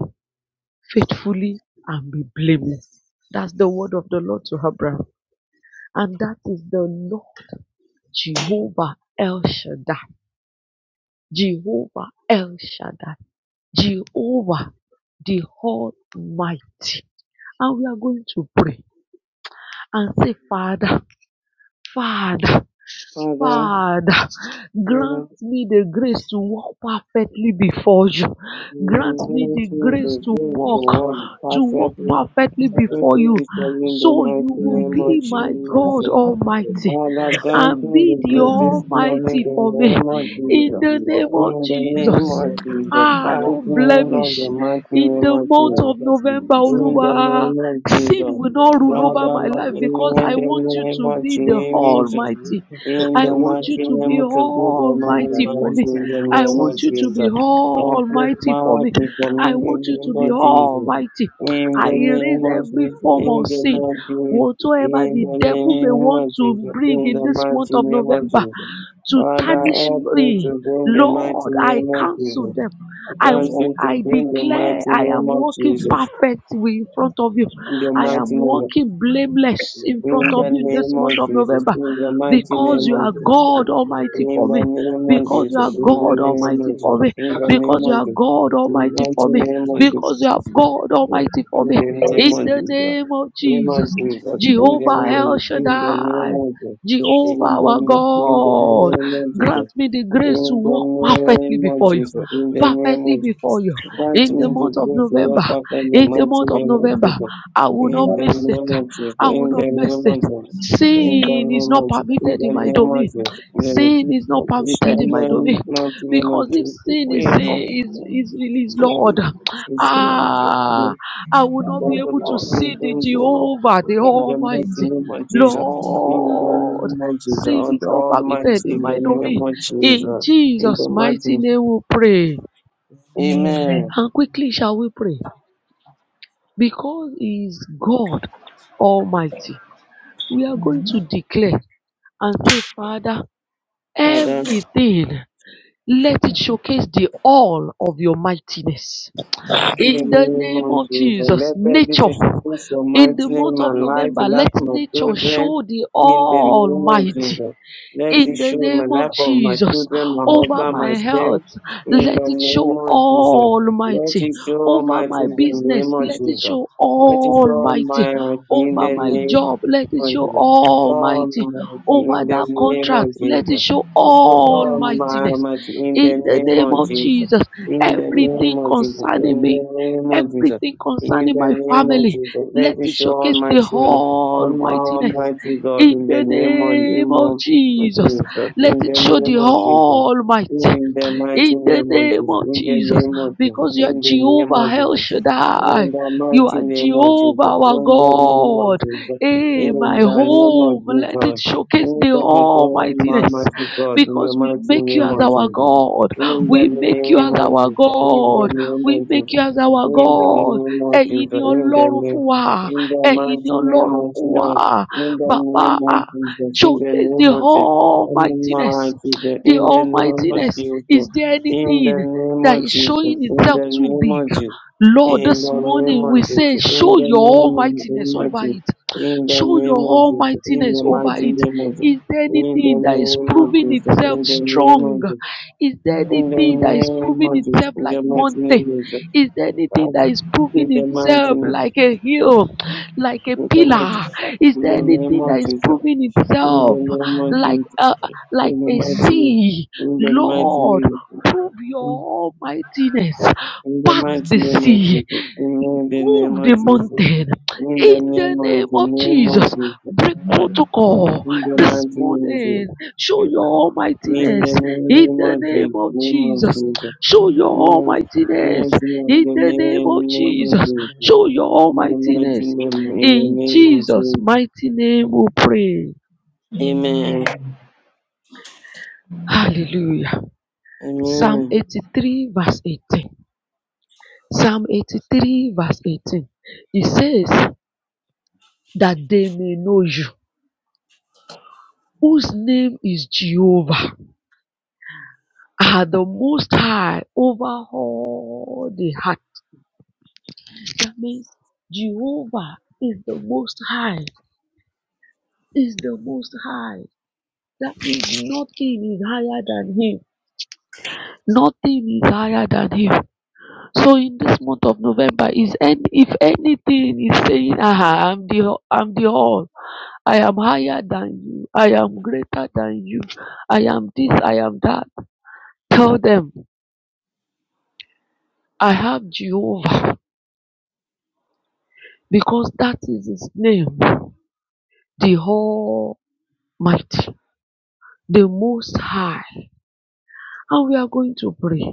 S2: faithfully and be blameless. That's the word of the Lord to Abraham. And that is the Lord Jehovah El Shaddai. Jehovah El Shaddai. Jehovah the Almighty. And we are going to pray and say, Father, Father.
S1: Father,
S2: Father,
S1: Father,
S2: grant me the grace to walk perfectly before you. Grant
S1: you
S2: me
S1: grant
S2: the
S1: me
S2: grace
S1: the
S2: to
S1: grace to
S2: walk,
S1: walk
S5: Mm.
S2: to walk
S1: perfectly,
S2: perfectly
S5: Father,
S2: before
S1: perfectly
S2: you.
S1: discerning the
S2: So you
S1: mighty
S5: help
S2: will
S1: name
S5: me to
S2: be
S1: of
S5: walk
S2: my
S4: Not
S2: God
S1: Jesus.
S5: perfectly
S4: have to
S5: before you.
S2: Almighty
S1: Father, grant
S2: and
S1: me
S2: be
S1: the
S2: the
S1: grace
S5: Mm.
S1: this morning,
S2: Almighty
S1: the
S2: for me
S5: Help
S1: name
S5: me,
S1: of
S5: Lord.
S2: in
S5: Help
S1: Jesus.
S5: me,
S2: the name
S5: Lord.
S2: of
S1: In the name
S2: Jesus.
S1: of
S5: Help me
S1: Jesus,
S5: to
S2: Ah,
S5: walk
S1: thank
S2: no
S1: me, O Lord,
S2: blemish.
S1: the
S5: perfectly,
S1: mighty
S2: In
S1: name
S2: the
S1: of
S2: month
S1: Jesus.
S2: of
S5: perfectly
S2: November,
S5: before
S1: In
S5: you.
S1: the
S2: Oluwa,
S1: name of
S2: sin
S1: Jesus.
S2: will
S5: In the
S2: not rule
S5: name of
S2: over
S1: Father,
S2: my
S1: Lord,
S2: life
S1: in
S5: Jesus,
S2: because I
S1: the
S2: want you
S1: name
S2: to
S1: of
S2: be
S5: help
S2: the
S5: me to
S1: Jesus.
S5: walk
S2: Almighty.
S1: In
S2: I
S5: perfectly
S1: the
S2: want
S5: before
S2: you
S1: mighty
S5: you.
S2: to
S1: name
S2: be
S1: of Jesus,
S5: In the
S2: Almighty
S1: Almighty,
S2: for me.
S5: mighty
S1: in the
S5: name of
S2: I
S1: name of
S2: want you to
S5: Jesus.
S2: be
S1: Jesus. Help this
S2: Almighty for me.
S1: mighty for
S2: I
S1: in
S2: want you
S1: the name
S2: to be
S1: of Jesus.
S2: Almighty.
S1: In
S2: I
S1: the
S2: erase
S1: name of
S2: every
S1: Jesus,
S2: form of
S1: in the
S2: sin
S1: mighty name,
S2: whatsoever
S1: in
S2: the
S1: the
S2: devil may
S1: name
S2: want
S1: of
S2: to
S1: Jesus,
S2: bring
S1: in
S2: in
S1: the
S2: this month
S1: mighty
S2: of
S1: name of
S2: November
S1: Jesus.
S2: to
S1: Father,
S2: tarnish
S1: help me
S2: me.
S1: today in the mighty
S2: Lord, I
S1: name of
S2: cancel
S1: Jesus.
S2: them.
S1: I
S2: I wa-
S1: cancel
S2: I
S1: today in the
S2: declare
S1: mighty
S2: I
S1: name
S2: am
S1: of
S2: walking
S1: Jesus.
S2: perfectly in front of you.
S1: In the
S2: I
S1: mighty
S2: am
S1: name of
S2: walking blameless
S5: Mount
S2: in front
S1: in
S2: of
S1: the
S2: you in this
S1: name
S2: month
S1: of
S2: of
S1: Jesus,
S2: November
S1: in the mighty
S2: because
S1: name
S2: you
S1: of
S2: are
S1: Jesus,
S2: God Almighty
S1: in
S2: for me.
S1: the name of
S2: Because you
S1: Jesus,
S2: are
S1: in the
S2: God
S5: Everest,
S1: name
S5: help
S2: Almighty
S1: of
S5: me,
S2: for
S1: Jesus,
S2: me.
S1: in the name
S2: Because you
S1: of
S2: are
S1: Jesus,
S2: God
S5: Lord. Help
S2: Almighty for
S5: me,
S2: me.
S5: Jesus.
S2: Because you are God
S1: in
S2: Almighty for me.
S1: the mighty name of Jesus, in
S5: Help
S1: the
S5: me,
S1: name
S2: In
S1: of
S2: the
S1: Jesus,
S2: name of Jesus.
S1: in the
S5: Lord.
S2: Jehovah El
S5: Amen.
S1: name
S2: Shaddai.
S1: of Jesus,
S2: Jehovah
S1: in the
S2: our
S1: name, in the
S2: God.
S1: name of Jesus,
S2: Grant me the
S1: in the
S2: grace to
S1: name, in the
S2: walk perfectly
S1: name of Jesus, in the name of
S2: before you.
S1: Jesus, in the name of
S2: Perfectly
S1: Jesus,
S2: before you.
S1: Grant
S2: In the
S1: me the
S2: month of
S1: grace to
S2: November,
S1: wake up in the
S2: in the
S1: mighty
S2: month of
S1: name of
S2: November,
S1: Jesus.
S2: I will not
S1: In the
S2: miss it.
S1: name of Jesus.
S2: I will
S1: In the
S2: not miss
S1: name
S2: it.
S1: of Jesus. In the
S2: Sin is not permitted in my
S1: name of
S2: domain.
S1: Jesus. In the
S2: Sin is
S1: name
S2: not
S1: of Jesus.
S4: see
S2: permitted in
S1: In
S4: it.
S2: my
S1: the name
S2: domain.
S1: of Jesus. In the mighty name
S2: Because
S1: of
S2: if
S1: Jesus.
S2: sin is
S1: Wake up
S2: is
S1: Lord,
S2: is, is
S1: to
S2: Lord,
S1: do this in my
S2: ah,
S1: destiny.
S2: I will not be
S1: Lord, the
S2: able to
S1: Lord will
S2: see the
S1: bring the Lord.
S2: Jehovah, the
S1: In the mighty
S2: Almighty,
S1: name of Jesus. In the
S2: Lord.
S1: name of Jesus.
S2: Sin
S1: God,
S2: is not
S1: Almighty,
S2: permitted in
S1: in the
S2: my
S1: name
S2: domain.
S1: of Jesus.
S2: In
S1: In
S2: Jesus'
S1: the mighty
S2: mighty
S1: name.
S2: name we pray.
S1: Amen.
S4: Amen.
S2: And quickly shall we pray. Because He is God Almighty, we are going to declare and say, Father,
S1: Father,
S2: everything, let it showcase the all of your mightiness.
S1: In the
S2: In the
S1: name
S2: name
S1: of
S2: of
S1: Jesus,
S2: Jesus,
S1: let every
S2: nature.
S1: disobedience your
S2: In
S1: mighty
S2: the
S1: name
S2: month
S1: my
S2: of
S1: life,
S2: November,
S1: in
S2: let
S1: my
S2: nature
S1: children,
S2: show the
S1: in the name of
S2: Almighty.
S1: Jesus. Let
S2: in
S1: it
S2: the
S1: show my
S2: name of
S1: life of my
S2: Jesus.
S1: children, my
S2: Over
S1: husband,
S2: my
S1: myself,
S2: health,
S1: in
S2: let
S1: the
S2: it
S1: name
S2: show
S1: of Jesus. Let
S2: almighty.
S1: it show
S2: Over
S1: Almighty
S2: my
S1: in the name
S2: business,
S1: of
S2: let it
S1: Jesus.
S2: show
S1: Let it show
S2: almighty.
S1: my in
S2: Over
S1: the
S2: my
S1: name
S2: job, let it show
S1: Jesus.
S2: almighty.
S1: Almighty,
S2: Over
S1: in the
S2: that
S1: name of
S2: contract, let it
S1: Jesus.
S2: show
S1: So
S2: almightiness.
S1: Almighty, in the
S2: In the
S1: name
S2: name
S1: of
S3: Yes.
S2: of
S1: Jesus.
S2: Jesus,
S1: In the
S3: Thank you.
S1: name
S2: everything
S1: of Jesus.
S2: concerning
S1: In
S2: me.
S1: the name of
S3: This is
S1: Jesus.
S2: Everything
S3: true of
S1: In
S3: my
S2: concerning
S1: the
S2: my
S1: name
S3: purpose
S1: of
S2: family,
S1: Jesus. Let
S2: let
S1: it
S2: it
S1: show all
S2: showcase
S1: my
S2: the
S3: in the
S1: children. Oh, my
S2: almightiness
S3: community.
S1: Almighty God,
S2: in
S1: in the
S2: the
S1: name of,
S2: name
S1: name
S2: of
S1: of
S3: Now
S2: Jesus,
S1: Jesus.
S2: let
S1: In
S2: it
S1: the
S2: show
S1: name
S2: the
S1: of Jesus.
S2: Almighty
S1: In the
S3: I'm free.
S1: mighty
S2: in the
S1: name
S3: and
S1: of
S3: have
S2: name
S1: Jesus.
S2: of
S1: In the
S2: Jesus.
S1: name of Jesus.
S2: Because you are
S1: In the
S3: found the
S1: name of
S2: Jehovah El
S1: Jesus.
S6: I'm not afraid
S2: Shaddai.
S1: In the
S2: You
S1: mighty
S2: are
S1: name of Jesus.
S2: Jehovah our
S1: In the name of
S2: God.
S1: Jesus.
S2: Hey, my
S1: In the name of
S2: home, let it
S1: Jesus.
S2: showcase the
S1: In the name
S2: almightiness.
S1: of to God. In the
S2: Because
S3: And
S2: we
S1: mighty
S2: make you
S1: name
S2: as
S1: of
S2: our
S1: Jesus.
S2: God.
S1: In the
S2: We
S3: I
S2: make
S3: thank you
S2: you
S1: name
S2: as
S1: of
S2: our God. We make
S1: Jesus.
S2: you as our
S1: In the
S2: God.
S1: name of
S3: for
S1: Jesus. In the name
S2: Ẹ̀yin
S1: of Jesus.
S2: ni
S1: In
S3: your
S1: the
S2: Ọlọ́run fún
S1: name.
S2: wa.
S1: In the
S2: Ẹ̀yin
S1: mighty
S2: ni
S1: name
S2: Ọlọ́run
S1: of
S2: fún
S1: Jesus.
S2: wa.
S1: In the
S2: Bàbá,
S1: name
S2: showcase the
S1: of Jesus. In the
S2: almightiness
S1: name of Jesus.
S2: the
S1: In the mighty name. In the name of
S2: almightiness
S1: Jesus.
S2: is there
S3: that
S1: In the
S2: anything
S1: name
S2: that
S1: of
S2: is
S1: Jesus.
S2: showing
S1: In
S2: itself
S1: the
S2: too
S1: name
S2: big?
S1: of Jesus.
S2: Lord,
S1: In
S2: this
S1: the name
S2: morning we
S1: of
S2: say,
S1: Jesus, in
S2: show
S1: the
S2: your
S1: name of in
S2: almightiness
S1: my
S2: over
S6: of
S1: Jesus,
S2: it.
S1: in the
S6: anything.
S2: Show your
S1: name of Jesus, in
S6: Thank
S2: almightiness
S1: the
S2: over
S1: mighty
S2: it.
S1: name of Jesus,
S2: Is there
S1: in the
S2: anything that is
S1: name of
S2: proving itself strong?
S1: Jesus,
S2: Is there
S1: in
S2: anything that is
S1: the name
S2: proving
S1: of Jesus,
S2: itself
S1: in the
S2: like
S1: name of Jesus, in the mighty
S2: mountain?
S1: name of Jesus,
S2: Is there anything
S1: Christ,
S2: that is proving
S1: in the mighty
S2: itself
S1: name, in the
S2: like a hill, like
S1: mighty,
S2: a pillar?
S1: in the
S2: Is there
S1: name
S2: anything
S1: of
S2: that is
S1: Jesus,
S2: proving
S1: in the
S2: itself
S1: name of
S2: like
S1: Jesus,
S2: a,
S1: Christ,
S2: like
S1: in the
S2: a
S1: mighty name, in
S2: sea?
S1: the mighty name
S2: Lord,
S1: of Jesus,
S2: prove
S1: in
S2: your almightiness.
S1: in the
S2: Part
S1: mighty
S2: the
S1: name of
S2: sea.
S1: Jesus, in the name
S2: Move
S1: of
S2: the
S1: Jesus.
S2: mountain
S1: In the
S2: in the
S1: name
S2: name
S1: of the
S2: of
S1: name of
S2: Jesus.
S1: Jesus.
S2: Break
S1: Uh,
S2: protocol
S1: In the
S2: this
S1: mighty name of
S2: morning.
S1: Jesus.
S2: Show your
S1: In the
S2: almightiness
S1: name
S2: in the
S1: of
S2: name
S1: Jesus.
S2: of
S1: Name of
S2: Jesus.
S1: Jesus.
S2: Show your
S1: In the
S2: almightiness
S1: mighty name
S2: in
S1: in the
S2: the name of
S1: name of
S2: Jesus.
S1: Jesus.
S2: Show your
S1: In the mighty
S2: almightiness
S1: name in the
S2: in
S1: name of
S2: Jesus'
S1: Jesus.
S2: mighty name. We pray.
S1: Amen.
S4: Amen.
S2: Hallelujah. Psalm
S1: Amen. Amen.
S4: Amen.
S2: 83, verse 18. Psalm 83, verse 18. It says that they may know you whose name is Jehovah, are the most high over all the heart. That means Jehovah is the most high, is the most high. That means nothing is higher than him. Nothing is higher than him. So in this month of November, is any, if anything is saying, "Aha, I'm the I'm the all. I am higher than you. I am greater than you. I am this. I am that. Tell them I have Jehovah. because that is his name, the Almighty, the Most High. And we are going to pray,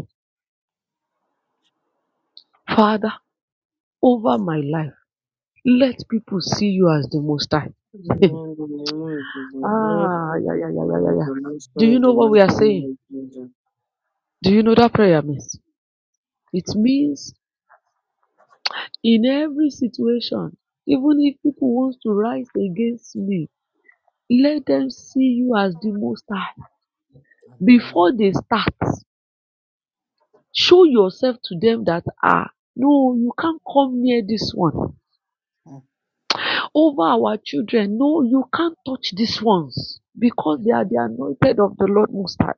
S2: Father, over my life, let people see you as the Most High.
S1: In the name of Jesus. Let
S2: ah, yeah, yeah,
S1: people
S2: yeah, yeah, yeah,
S1: follow
S2: yeah.
S1: the
S2: Do
S1: gospel
S2: you
S1: in
S2: know
S1: the
S2: what
S1: mighty
S2: we are
S6: you.
S1: name
S2: saying?
S1: of Jesus.
S2: Do you know that prayer means? It means in every situation, even if people want to rise against me, let them see you as the Most High before they start Show yourself to them that are, no, you can't come near this one. Over our children, no, you can't touch these ones because they are the anointed of the Lord Most High.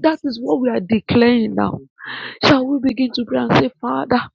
S2: That is what we are declaring now.
S1: Amen.
S2: Shall we begin to pray and say, Father,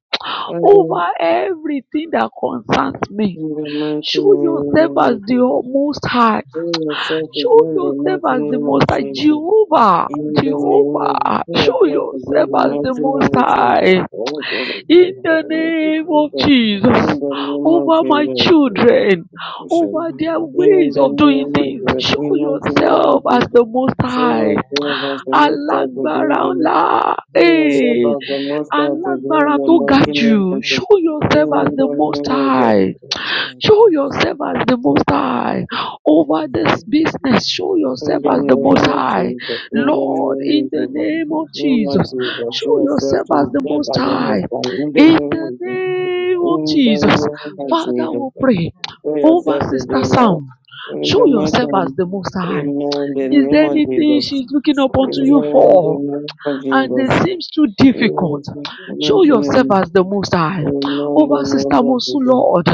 S1: Father, in
S2: over everything that concerns me,
S1: the mighty
S3: My children, my grandchildren, my
S2: show yourself
S1: name
S2: as
S1: of Jesus.
S2: the Most High.
S1: We accept the
S2: Show
S1: good and
S2: yourself
S1: mighty
S2: as the
S1: name
S2: Most
S1: of
S2: High.
S1: Jesus.
S2: Jehovah,
S1: In the name of the
S2: Jehovah,
S1: we
S2: show
S1: accept the good
S2: yourself
S1: and
S2: as the
S1: mighty
S2: Most
S1: name of Jesus.
S2: High.
S1: Oh, God, I
S2: in
S1: pray for
S2: the
S1: all of you.
S2: name
S1: oh
S2: of
S3: children,
S1: God. In
S2: Jesus
S1: the
S2: over my
S1: name of Jesus,
S2: children,
S1: we show.
S2: over their
S1: In
S2: ways
S1: the
S2: of doing
S1: name of
S2: things.
S1: Jesus,
S2: Show
S1: in the mighty name
S2: yourself
S1: of
S2: as
S1: Jesus.
S2: the Most High.
S1: Show us love as the most out of
S2: Alágbára
S1: them.
S2: ńlá,
S1: Show us
S3: um,
S1: love
S2: eh,
S1: as the most
S3: um,
S1: out of them,
S2: alágbára
S1: the
S2: tó ga
S1: mighty name
S2: jù.
S1: of
S3: well,
S1: Jesus.
S2: Show
S1: In
S3: you
S2: yourself
S3: know,
S2: as the
S1: the
S3: um,
S2: Most
S1: name of
S2: High.
S1: Jesus.
S3: like, we
S2: Show
S3: did,
S2: yourself
S3: um,
S2: as the most high
S3: you
S2: over this
S3: know, um,
S2: business. Show
S3: um,
S1: In
S2: yourself
S1: the
S2: as the most
S1: name of
S2: high.
S1: Jesus, in
S3: what
S1: the
S3: else
S2: Lord,
S3: did we do?
S2: in
S1: name of
S2: the
S1: Jesus,
S3: Um,
S2: name of
S3: um,
S1: in the name
S3: um,
S1: of
S2: Jesus,
S1: Jesus,
S2: show
S3: um,
S1: show
S6: Thank
S3: it's,
S1: yourself
S2: yourself
S1: to
S2: as
S1: be
S2: the
S1: set
S2: most
S1: as the
S3: you know,
S2: high.
S1: most high. In the
S2: In
S3: not
S1: name
S3: the
S2: the
S1: of Jesus,
S3: most,
S2: name of
S1: in the name
S2: Jesus,
S1: of
S2: Father,
S1: Jesus,
S2: we pray
S1: show
S2: over
S1: yourself to be
S2: Sister
S3: uh,
S1: Lord.
S2: Sam.
S6: you.
S3: Thank you.
S1: In
S2: Show
S1: the mighty
S6: I'm
S2: yourself
S6: going to
S2: as
S1: name,
S2: the most high.
S1: Amen. The
S2: Is
S1: name
S2: there
S1: of
S2: anything
S3: Jesus.
S1: Jesus.
S2: she's
S3: Thank you,
S2: looking up unto
S3: Jesus.
S2: you
S3: Thank
S1: Amen.
S2: for?
S1: The name of
S2: and
S1: Jesus.
S2: it seems too
S1: Amen.
S2: difficult. Show
S1: Amen.
S2: yourself as the Most
S1: Amen.
S2: High
S1: Amen.
S2: over
S1: The
S2: Sister
S1: name of
S2: Mosu,
S1: Jesus.
S2: Lord.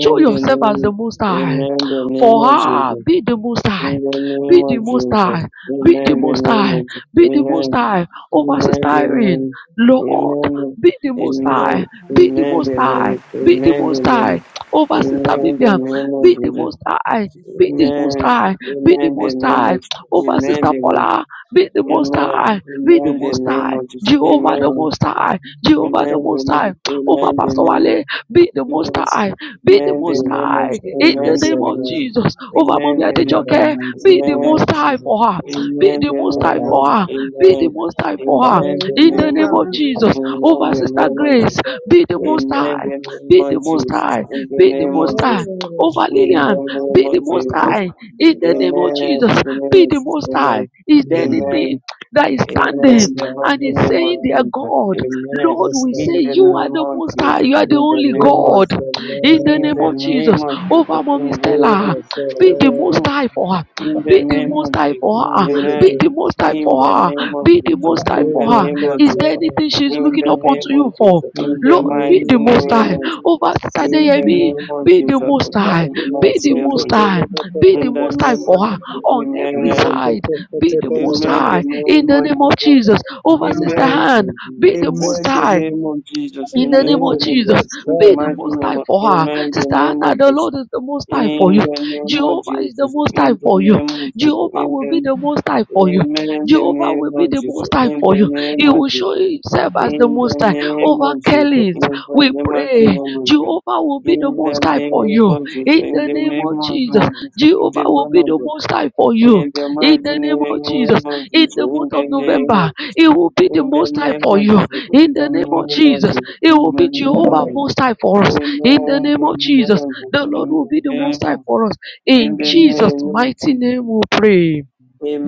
S2: Show
S1: The
S2: yourself as the
S1: name.
S2: Most High.
S1: Amen. The name
S2: For
S1: of
S2: her,
S1: Jesus.
S2: be the Most High.
S1: In the
S2: Be
S1: name
S2: the
S1: of
S2: Most
S1: Jesus.
S2: High. Be the
S1: Amen. The
S2: Most
S1: name
S2: High.
S1: of Jesus.
S2: Be the Most
S1: Amen.
S2: High over Sister
S1: Amen. The
S2: Irene.
S1: name.
S2: Lord,
S1: Amen.
S2: be the Most High.
S1: Amen.
S2: Be the
S1: Amen.
S2: Most
S1: The
S2: High.
S1: name.
S2: Be the
S1: Amen.
S2: Most
S1: The
S2: High
S1: name.
S2: over Sister
S1: Amen. The
S2: Vivian.
S1: name of
S2: Be the
S6: go
S1: Jesus.
S2: Most
S6: to the
S2: High. Be the
S6: store.
S2: Most
S1: Amen.
S2: High. Be the
S1: Amen. The
S2: Most
S6: Thank
S1: name
S2: High
S1: of
S2: over
S1: Amen.
S2: Sister
S1: The name.
S2: Paula. Be the Most
S1: Amen.
S2: High be the
S1: Amen. The
S2: most
S1: name
S2: high.
S1: of Jesus.
S2: Jehovah the
S1: Amen.
S2: most high. Jehovah the
S1: Amen. The
S2: most
S1: name.
S2: high. Oh, my
S1: Amen. The
S2: Pastor
S1: name.
S2: Wale,
S6: you.
S2: be the most
S5: They
S1: Amen.
S2: high. Be the
S1: Amen. The
S2: most
S5: will
S1: name of
S2: high. In the
S1: Amen. The
S2: name
S5: yourself,
S2: of
S1: name.
S5: Lord,
S2: Jesus.
S1: Amen.
S2: Oh, my mommy
S1: The
S5: in
S1: name
S5: the
S1: of
S2: Adejoke,
S5: mighty
S2: be the
S1: Amen.
S5: name
S2: most
S5: of
S2: high
S5: Jesus.
S2: for her. Be
S1: Amen.
S2: the
S1: The
S2: most
S1: name
S2: high
S5: Baba,
S1: of
S2: for her. Be the
S1: Amen.
S2: most high for her.
S1: Amen. The
S2: In
S5: Baba,
S2: the
S1: name
S2: name
S1: of
S2: of
S1: Jesus.
S2: Jesus. Over
S1: Amen. The
S2: Sister
S1: name of Jesus.
S2: Grace, be the most
S1: Amen.
S2: high.
S1: The name
S2: Be the
S1: of
S2: most
S1: Jesus.
S2: high. Be the most high. Over
S1: In
S2: Lillian,
S1: the name
S2: be
S1: of
S2: the most
S1: Jesus.
S2: high. In the
S1: In
S2: name of
S5: Baba,
S1: the name of Jesus. Amen.
S2: Jesus,
S1: The name
S2: be
S1: of
S2: the
S1: Jesus.
S2: most high.
S1: Amen.
S2: Is there
S5: Mm.
S2: anything?
S1: Amen.
S2: that is standing
S5: Yes,
S1: Amen. The
S5: Lord,
S1: mighty
S2: and
S5: yes,
S2: is
S1: name
S2: saying,
S1: of
S5: Lord,
S2: Dear
S1: Jesus.
S2: God,
S1: Amen.
S2: Lord,
S5: yes,
S2: we
S1: In
S2: say
S1: the
S2: you
S5: Daddy,
S2: are
S1: name
S2: the
S1: of
S2: most high,
S1: Jesus.
S2: you are the
S1: In the
S2: only
S5: prove
S1: name of
S2: God.
S1: Jesus.
S5: yourself,
S2: In the
S1: In
S2: name
S5: Lord,
S1: the
S2: of
S1: name
S2: Jesus,
S1: of
S2: over
S1: Jesus.
S2: mommy
S5: prove
S2: Stella,
S5: yourself,
S2: be
S1: In the
S2: the
S3: Amen. Hallelujah.
S2: most
S1: name.
S5: Lord,
S2: high for her,
S1: In the
S2: be the
S1: name of
S2: most high
S1: Jesus.
S2: for
S5: no
S2: her, be
S1: Amen.
S2: the
S5: liberty,
S2: most high
S1: In
S2: for
S1: the
S2: her,
S1: name of
S2: be the
S1: Jesus.
S2: most high
S1: In
S5: prove
S1: the
S2: for her.
S1: name of
S5: yourself,
S2: Is there
S1: Jesus.
S2: anything
S5: Lord,
S2: she's
S1: In
S2: looking
S1: the
S2: up unto
S1: name
S2: you
S1: of
S2: for?
S1: Jesus.
S5: in
S1: In
S5: the
S1: the
S2: Lord,
S1: mighty
S2: be the
S5: name of
S2: most
S1: name
S2: high.
S1: of Jesus.
S2: Over
S5: Jesus.
S2: Sister
S1: In the
S2: Deyemi,
S1: name of
S2: be the
S1: Jesus.
S2: most
S1: Oh God,
S2: high,
S1: in the
S2: be
S1: mighty
S2: the
S1: name of
S2: most
S1: Jesus.
S2: high, be the
S1: In the
S2: most
S5: Masikotolamapapatos.
S2: high
S1: name
S2: for
S1: of
S2: her
S1: Jesus.
S2: on every
S1: Amen.
S2: side, be the most
S1: Amen.
S2: high
S1: The
S5: Rivetepapatepalamatos.
S1: name
S2: in the
S1: of
S2: name
S3: Amen.
S2: of
S1: Jesus.
S2: Jesus over Sister
S1: Amen.
S5: Thank
S2: Han.
S5: you,
S2: Be the most
S1: Amen. The
S2: high.
S5: Jesus.
S1: name of Jesus.
S2: In the name
S1: Amen.
S5: Oh,
S1: The
S2: of
S1: name.
S2: Jesus,
S5: yes,
S1: In the
S2: be
S5: sir.
S2: the
S1: mighty
S2: most
S1: name
S2: high
S1: of
S2: for her.
S1: Amen. The
S2: Sister
S1: name
S2: Anna,
S1: of
S2: the
S1: Jesus.
S2: Lord is the most high for
S1: In
S2: you.
S1: the name of
S2: Jehovah is the
S1: Jesus.
S2: most high
S1: In the
S2: for you.
S1: name of Jesus. In the
S2: Jehovah will be the most high for you.
S1: Amen. In the
S2: Jehovah will
S1: name
S2: be
S1: of
S2: the
S1: Jesus.
S2: most high
S1: In
S2: for
S1: the
S2: you.
S1: name
S2: He
S1: of
S2: will show
S1: Jesus.
S2: himself as the
S1: In
S2: most
S1: the
S2: high.
S1: name
S2: Over
S1: of Jesus.
S2: Kelly's,
S1: In
S2: we
S1: the mighty name
S2: pray.
S1: of Jesus.
S2: Jehovah will be
S1: In
S2: the
S1: the
S2: most high for
S1: name
S2: you.
S1: of Jesus.
S2: In
S1: In
S2: the
S1: the
S2: name of
S1: name
S2: Jesus,
S1: of Jesus. In the
S2: Jehovah will
S1: name
S2: be
S1: of
S2: the
S1: Jesus.
S2: most high for you.
S1: In the
S2: In
S1: mighty
S2: the name of
S1: name
S2: Jesus,
S1: of
S2: in
S1: Jesus.
S2: the
S1: In
S2: month
S1: the
S2: of
S1: name
S2: November,
S1: of Jesus.
S2: it will be the
S1: In the
S2: most high
S1: name
S2: for
S1: of
S2: you.
S1: Jesus.
S2: In
S1: In
S2: the
S1: the
S2: name of
S1: name of
S2: Jesus,
S1: Jesus. In
S2: it
S1: the
S2: will be
S1: name
S2: Jehovah
S1: of Jesus.
S2: Most High for us.
S1: Amen.
S2: In the name of
S1: In the
S2: Jesus,
S1: name of
S2: the
S1: Jesus.
S2: Lord
S1: In
S2: will
S1: the
S2: be the
S1: name
S2: Most High
S1: of Jesus.
S2: for us.
S1: In
S2: In
S1: the
S2: Jesus'
S1: name of
S2: mighty
S1: Jesus.
S2: name, we pray.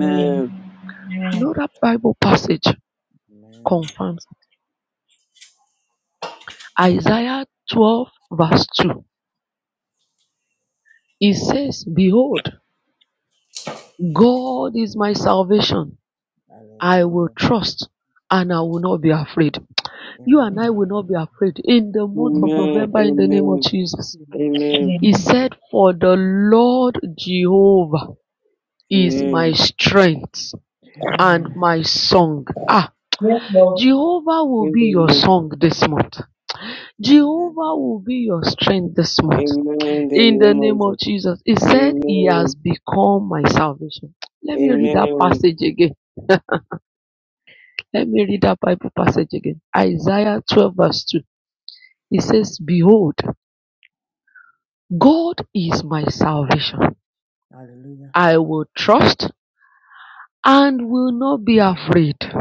S4: Amen.
S2: Another Bible passage
S3: Lord.
S2: confirms Isaiah 12, verse 2. It says, Behold, God is my salvation. I will trust and I will not be afraid. You and I will not be afraid in the month of
S1: Amen.
S2: November in the name of
S1: Amen.
S3: Let
S2: Jesus.
S3: you never be
S1: Amen.
S2: He
S3: afraid,
S4: Amen.
S3: Lord.
S2: said, For the Lord Jehovah. is my
S1: Amen.
S2: strength and
S3: Amen.
S2: my song. Ah,
S4: Yes, Lord.
S2: Jehovah will
S1: In
S2: be
S1: the
S2: your
S1: name
S2: song this month.
S3: Amen.
S2: Jehovah will be your strength this month.
S1: Amen. In the
S2: In the
S1: name of
S2: name of
S1: Jesus.
S2: Jesus. it said, He has
S1: Amen.
S2: become my salvation. Let me read that
S1: Amen.
S2: passage again. Let me read that Bible passage again. Isaiah 12, verse 2. It says, Behold, God is my salvation.
S3: Hallelujah.
S2: I will trust and will not be afraid.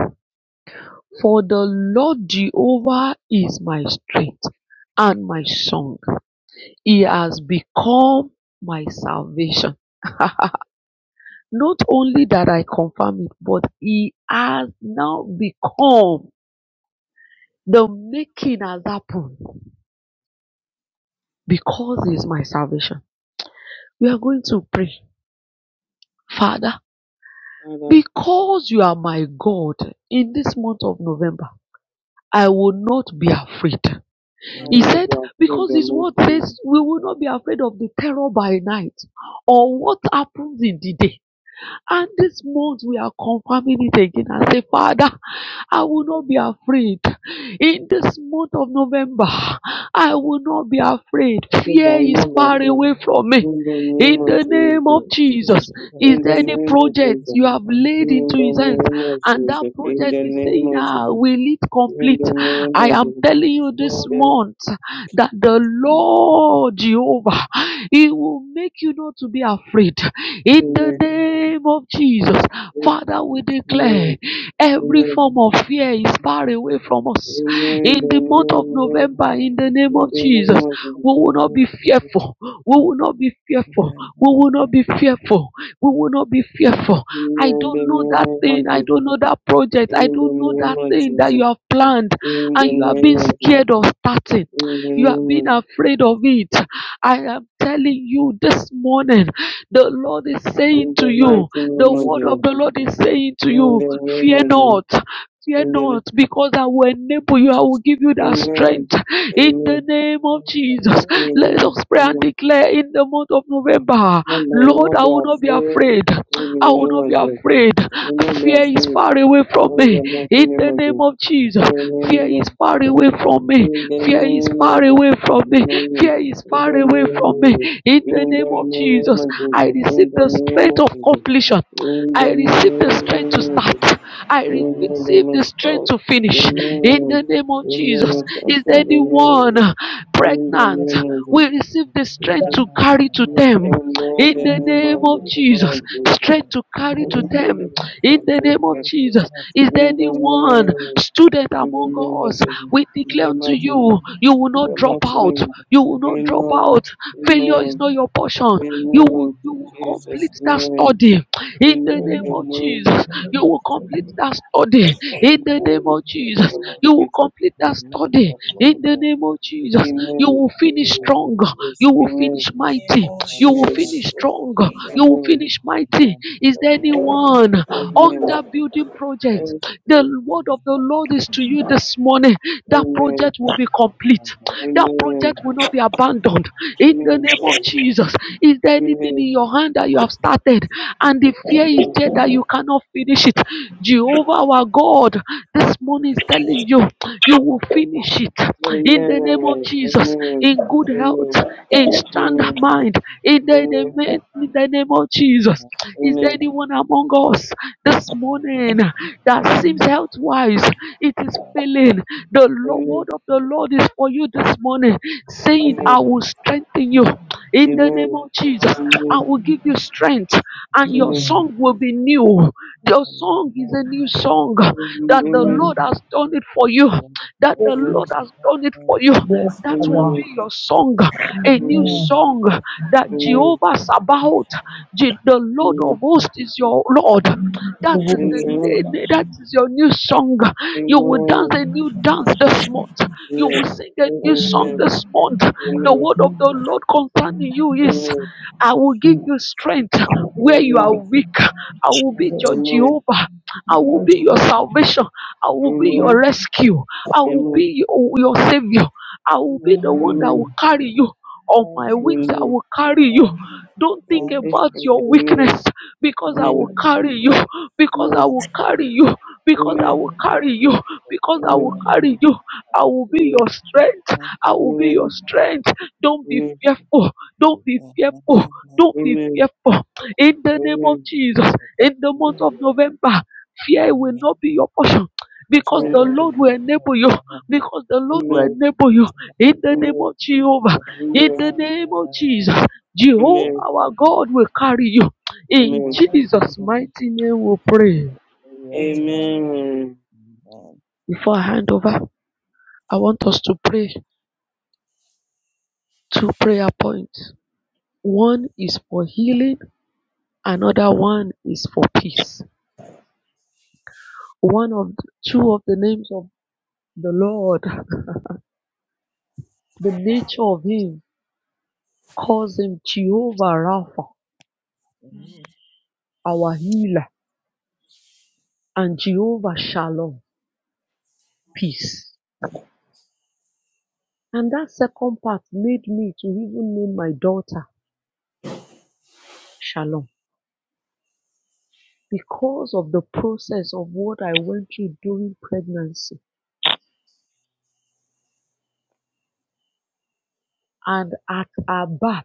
S2: For the Lord Jehovah is my strength and my song. He has become my salvation. Not only that I confirm it, but he has now become the making has happened because he is my salvation. We are going to pray, Father,
S1: Father,
S2: because you are my God in this month of November, I will not be afraid.
S1: I will
S2: He
S1: not
S2: said,
S3: Amen.
S1: be afraid
S2: because
S1: the
S2: his
S1: mighty
S2: word
S1: name.
S2: says we will not be afraid of the terror by night or what happens in the day. And this month we are confirming it again and say, Father, I will
S1: of
S2: not be afraid. In this month of November, I will not be afraid.
S1: Jesus. I
S2: Fear
S1: will
S2: is
S1: not
S2: far
S1: be
S3: I
S1: afraid.
S2: away
S3: will not
S2: from
S3: be
S2: me.
S1: In the
S3: afraid,
S1: name
S2: In
S3: Lord.
S1: of
S2: the name of
S1: Jesus.
S3: Fear will
S2: Jesus,
S3: be far
S2: is
S1: In the
S2: there any
S1: name of
S2: project
S1: Jesus.
S2: you have laid
S1: In
S2: into
S1: the
S2: his hands
S1: name of
S2: and that
S1: Jesus. In
S2: project
S1: the
S2: is
S1: name
S2: saying,
S1: of
S2: Ah,
S1: Jesus.
S2: will it
S1: In
S2: complete?
S1: the name
S2: I
S1: of
S2: am
S1: Jesus.
S2: telling you this month that the
S3: Jesus.
S2: Lord Jehovah, He will make you not to be afraid in
S1: In
S2: the
S3: Amen.
S1: the
S2: name
S3: Thank
S2: of Jesus. Father,
S3: you,
S2: we
S1: Amen.
S3: Jesus.
S2: declare
S1: Amen.
S2: every
S3: Amen.
S1: Amen.
S2: form of fear is far away from us.
S1: Amen.
S2: In
S3: Thank
S2: the
S3: you,
S2: month of
S3: Jesus.
S1: Amen.
S2: November, in the name
S3: Hallelujah.
S1: In the name of Jesus. In
S2: of
S1: the
S2: Jesus,
S1: name of Jesus.
S3: That's
S2: we
S3: my
S2: will not be
S3: word.
S2: fearful. We will not be fearful.
S3: Amen.
S2: We will not
S3: Amen.
S2: be fearful. We will not be fearful.
S1: In
S2: I
S3: Thank
S1: the
S2: don't know that
S3: you,
S1: name
S2: thing.
S1: of
S2: I don't
S1: Jesus.
S2: know that project. I
S1: In the
S2: don't know
S1: name
S2: that
S1: of
S2: thing that you
S1: Jesus.
S2: have planned
S1: In the
S2: and you have
S1: name
S2: been
S1: of Jesus.
S2: scared of starting.
S1: In the
S2: You have
S1: name
S2: been
S1: of
S2: afraid of it. I am telling you this morning the Lord is saying
S1: in
S2: to
S1: the
S2: you,
S1: mighty
S2: the
S1: name of
S2: word of
S1: Jesus.
S2: the Lord is saying to
S1: In
S2: you,
S1: the name
S2: fear
S1: of Jesus.
S2: not. Fear
S1: In the
S2: not,
S1: name.
S2: because I will enable you, I will
S3: Jesus.
S2: give you
S3: I
S2: that
S3: love you.
S2: strength
S1: Amen.
S2: in the
S1: Amen.
S2: name of
S3: I
S2: Jesus. Let
S1: Amen.
S2: us pray and
S1: Amen.
S2: declare in the month of November,
S1: And I will
S2: Lord,
S1: not
S2: I
S1: be
S2: will not be
S1: afraid.
S2: afraid.
S1: In
S2: I
S1: the
S2: will
S1: name
S2: not be
S3: love
S1: of
S3: you.
S1: Jesus.
S3: Thank
S2: afraid.
S3: you
S1: I will
S3: for
S1: not
S3: the
S2: Fear
S1: be
S2: is
S1: afraid.
S2: far away from
S1: In
S2: me.
S1: the mighty
S2: In
S1: name
S2: the
S1: of Jesus.
S2: name of
S3: love.
S2: Jesus,
S3: So It's
S2: fear
S3: my
S2: is
S1: name
S3: name.
S2: far
S1: of
S2: away
S1: Jesus.
S2: from me.
S1: Amen. The
S2: Fear is
S3: I
S2: far away
S3: thank
S2: from me. Fear is far away from me. In
S3: you
S2: the
S3: for
S2: name
S3: the love.
S2: of
S1: name
S3: I thank
S2: Jesus, I
S3: you for the
S2: receive the
S3: love.
S2: strength of completion. I
S3: Thank
S2: receive
S3: you,
S2: the strength to
S3: Jesus.
S2: start. I
S3: Oh,
S2: receive the strength to finish. In the
S3: thank
S2: name of Jesus, is
S1: of
S2: there anyone pregnant? We receive
S3: you.
S2: the strength to
S3: God.
S2: carry
S3: Thank
S2: to
S3: you.
S2: them.
S3: Thank
S2: In
S1: the
S2: the name of Jesus,
S1: Lord Jesus
S2: strength to carry to
S1: we can
S2: them.
S1: do this
S2: In
S1: most
S2: the
S1: good
S2: name of
S1: records
S2: Jesus, is there
S1: in the
S2: anyone
S1: morning,
S2: student
S1: in the
S2: among us?
S1: mountain,
S2: We
S1: in
S2: declare
S1: the
S2: unto
S1: mountain,
S2: you, you will
S1: in
S2: not
S1: the
S2: drop out.
S1: mountain.
S2: You will
S1: We
S2: not drop
S1: know,
S2: out.
S1: we
S2: Failure is
S1: know,
S2: not your portion.
S1: we
S2: You will,
S1: know
S2: you will
S1: Jesus'
S2: complete that
S1: name.
S2: study in
S1: We
S2: the
S1: know
S2: name
S1: the
S2: of
S1: name of
S2: Jesus. You will complete
S1: Jesus.
S2: that study
S1: That's how we
S2: in the
S1: call
S2: name of
S1: it, in the
S2: Jesus.
S1: name of
S2: You will
S1: Jesus.
S2: complete that study in the name of Jesus.
S1: Amen.
S2: You will finish
S1: Amen.
S2: strong.
S1: Yes,
S2: You will finish
S1: amen.
S2: mighty. You will
S1: Amen.
S2: finish
S1: Yes,
S2: strong. You will
S1: Amen.
S2: finish mighty. Is
S1: Yes,
S2: there
S1: yes.
S2: anyone on
S1: Amen.
S2: that building project?
S1: Thanks,
S2: The
S3: you.
S2: word of the
S1: thanks.
S2: Lord is to you this morning. That
S1: Amen.
S2: project will be complete. That
S1: Amen.
S2: project will not be abandoned. In the
S1: Amen.
S2: name of Jesus, is there anything in
S1: Amen.
S2: your hand that you have started and the fear is
S1: Amen.
S2: there that you cannot finish it? Jehovah, our God, this morning is telling you, you will finish it
S1: Amen. Amen.
S2: in
S1: Amen.
S2: the
S3: Thank you. to-
S2: name of Jesus, in good health, in sound mind, in the name, in the name of Jesus. Is there
S1: Amen. Amen.
S2: anyone among us this morning that seems
S4: Amen.
S2: health wise? It is failing. The Lo-
S1: Amen. Amen.
S2: word of the Lord is for you this morning, saying,
S4: God is-
S1: Amen.
S2: I will strengthen you. In the name of Jesus, I
S1: Amen. Amen.
S2: will give you strength and your song will be new. Your song is a new song that the
S1: Amen. Amen.
S2: Lord
S4: Amen.
S2: has done it for you, that
S4: Yes,
S2: the
S4: Lord.
S2: Lord has done it for you.
S4: Yes,
S1: Amen. Amen. Amen. Amen. Amen. Amen. Amen. Amen. Amen. Amen. Amen. Amen. Amen.
S2: That will
S4: Father.
S2: be your song, a new
S4: Amen.
S2: song that
S4: Thank
S2: Jehovah
S4: you.
S2: Sabaoth, Je- the Lord of hosts is your Lord. That
S4: We
S2: is
S4: will be
S2: the na-
S4: trusting
S2: that is your new song. You will dance a new dance this month. You will sing a new song this month. The word of the Lord concerning you is, I will give
S4: you.
S2: you strength where you are weak. I will be
S4: Jesus.
S2: your Jehovah. I will
S4: Oh,
S2: be your
S4: Jesus.
S2: salvation. I will be
S3: Hallelujah.
S2: your rescue. I will
S3: Amen.
S2: be your, your savior. I
S3: We
S2: will
S3: are
S2: be
S4: You
S2: the
S4: know,
S3: so
S2: one that will carry you. On my
S3: thankful
S2: wings,
S3: to
S2: I
S1: Amen. Amen.
S3: you,
S2: will carry you. Don't think
S3: Lord. Thank
S1: Amen.
S3: you.
S2: about
S1: Amen.
S2: your
S3: Jesus.
S1: Amen.
S2: weakness because I
S4: you
S2: will
S1: Amen.
S4: know,
S3: Amen.
S2: carry you.
S3: Yes,
S2: Because I
S3: Lord.
S2: will carry you. Because I
S1: Amen.
S3: Thank
S2: will carry
S3: you,
S2: you.
S3: Jesus.
S2: Because I will
S1: Amen.
S3: Amen.
S2: carry you. I will be
S1: Amen.
S2: your strength. I
S3: Amen.
S2: will be your
S1: Amen.
S2: strength. Don't be
S1: Amen.
S2: fearful. Don't be fearful.
S3: Amen.
S2: Don't be
S1: Amen.
S2: fearful. In the
S3: Thank
S2: name of
S3: you,
S1: Amen.
S2: Jesus,
S3: Jesus.
S2: in the month of
S3: Hallelujah.
S2: November, fear will
S3: Amen.
S2: not be your portion.
S3: I
S2: Because
S3: feel
S2: the
S3: like
S1: Amen.
S3: I'm
S2: Lord will
S3: not
S2: enable you.
S3: alone.
S2: Because the Lord
S3: You
S2: will
S3: have
S1: Amen.
S3: this
S2: enable you.
S3: to love
S2: In
S3: the
S2: the
S3: Lord.
S2: name
S1: Amen.
S2: of Jehovah. In
S1: Amen.
S2: the name of Jesus.
S3: Amen.
S2: Jehovah
S3: Thank
S1: Amen.
S3: you,
S2: our God
S3: Jesus.
S2: will carry you. In
S1: Amen. Amen.
S3: Amen.
S2: Jesus' mighty name we pray.
S3: Hallelujah.
S4: you
S3: Thank you, Jesus.
S1: Amen.
S3: Amen.
S2: Before I hand over, I want us to pray two prayer points. One is for healing Another one is for peace. One of two of the names of the Lord, the nature of Him calls Him Jehovah Rapha,
S3: Amen.
S2: our healer, and Jehovah Shalom, peace. And that second part made me to even name my daughter Shalom because of the process of what I went through during pregnancy. And at our birth,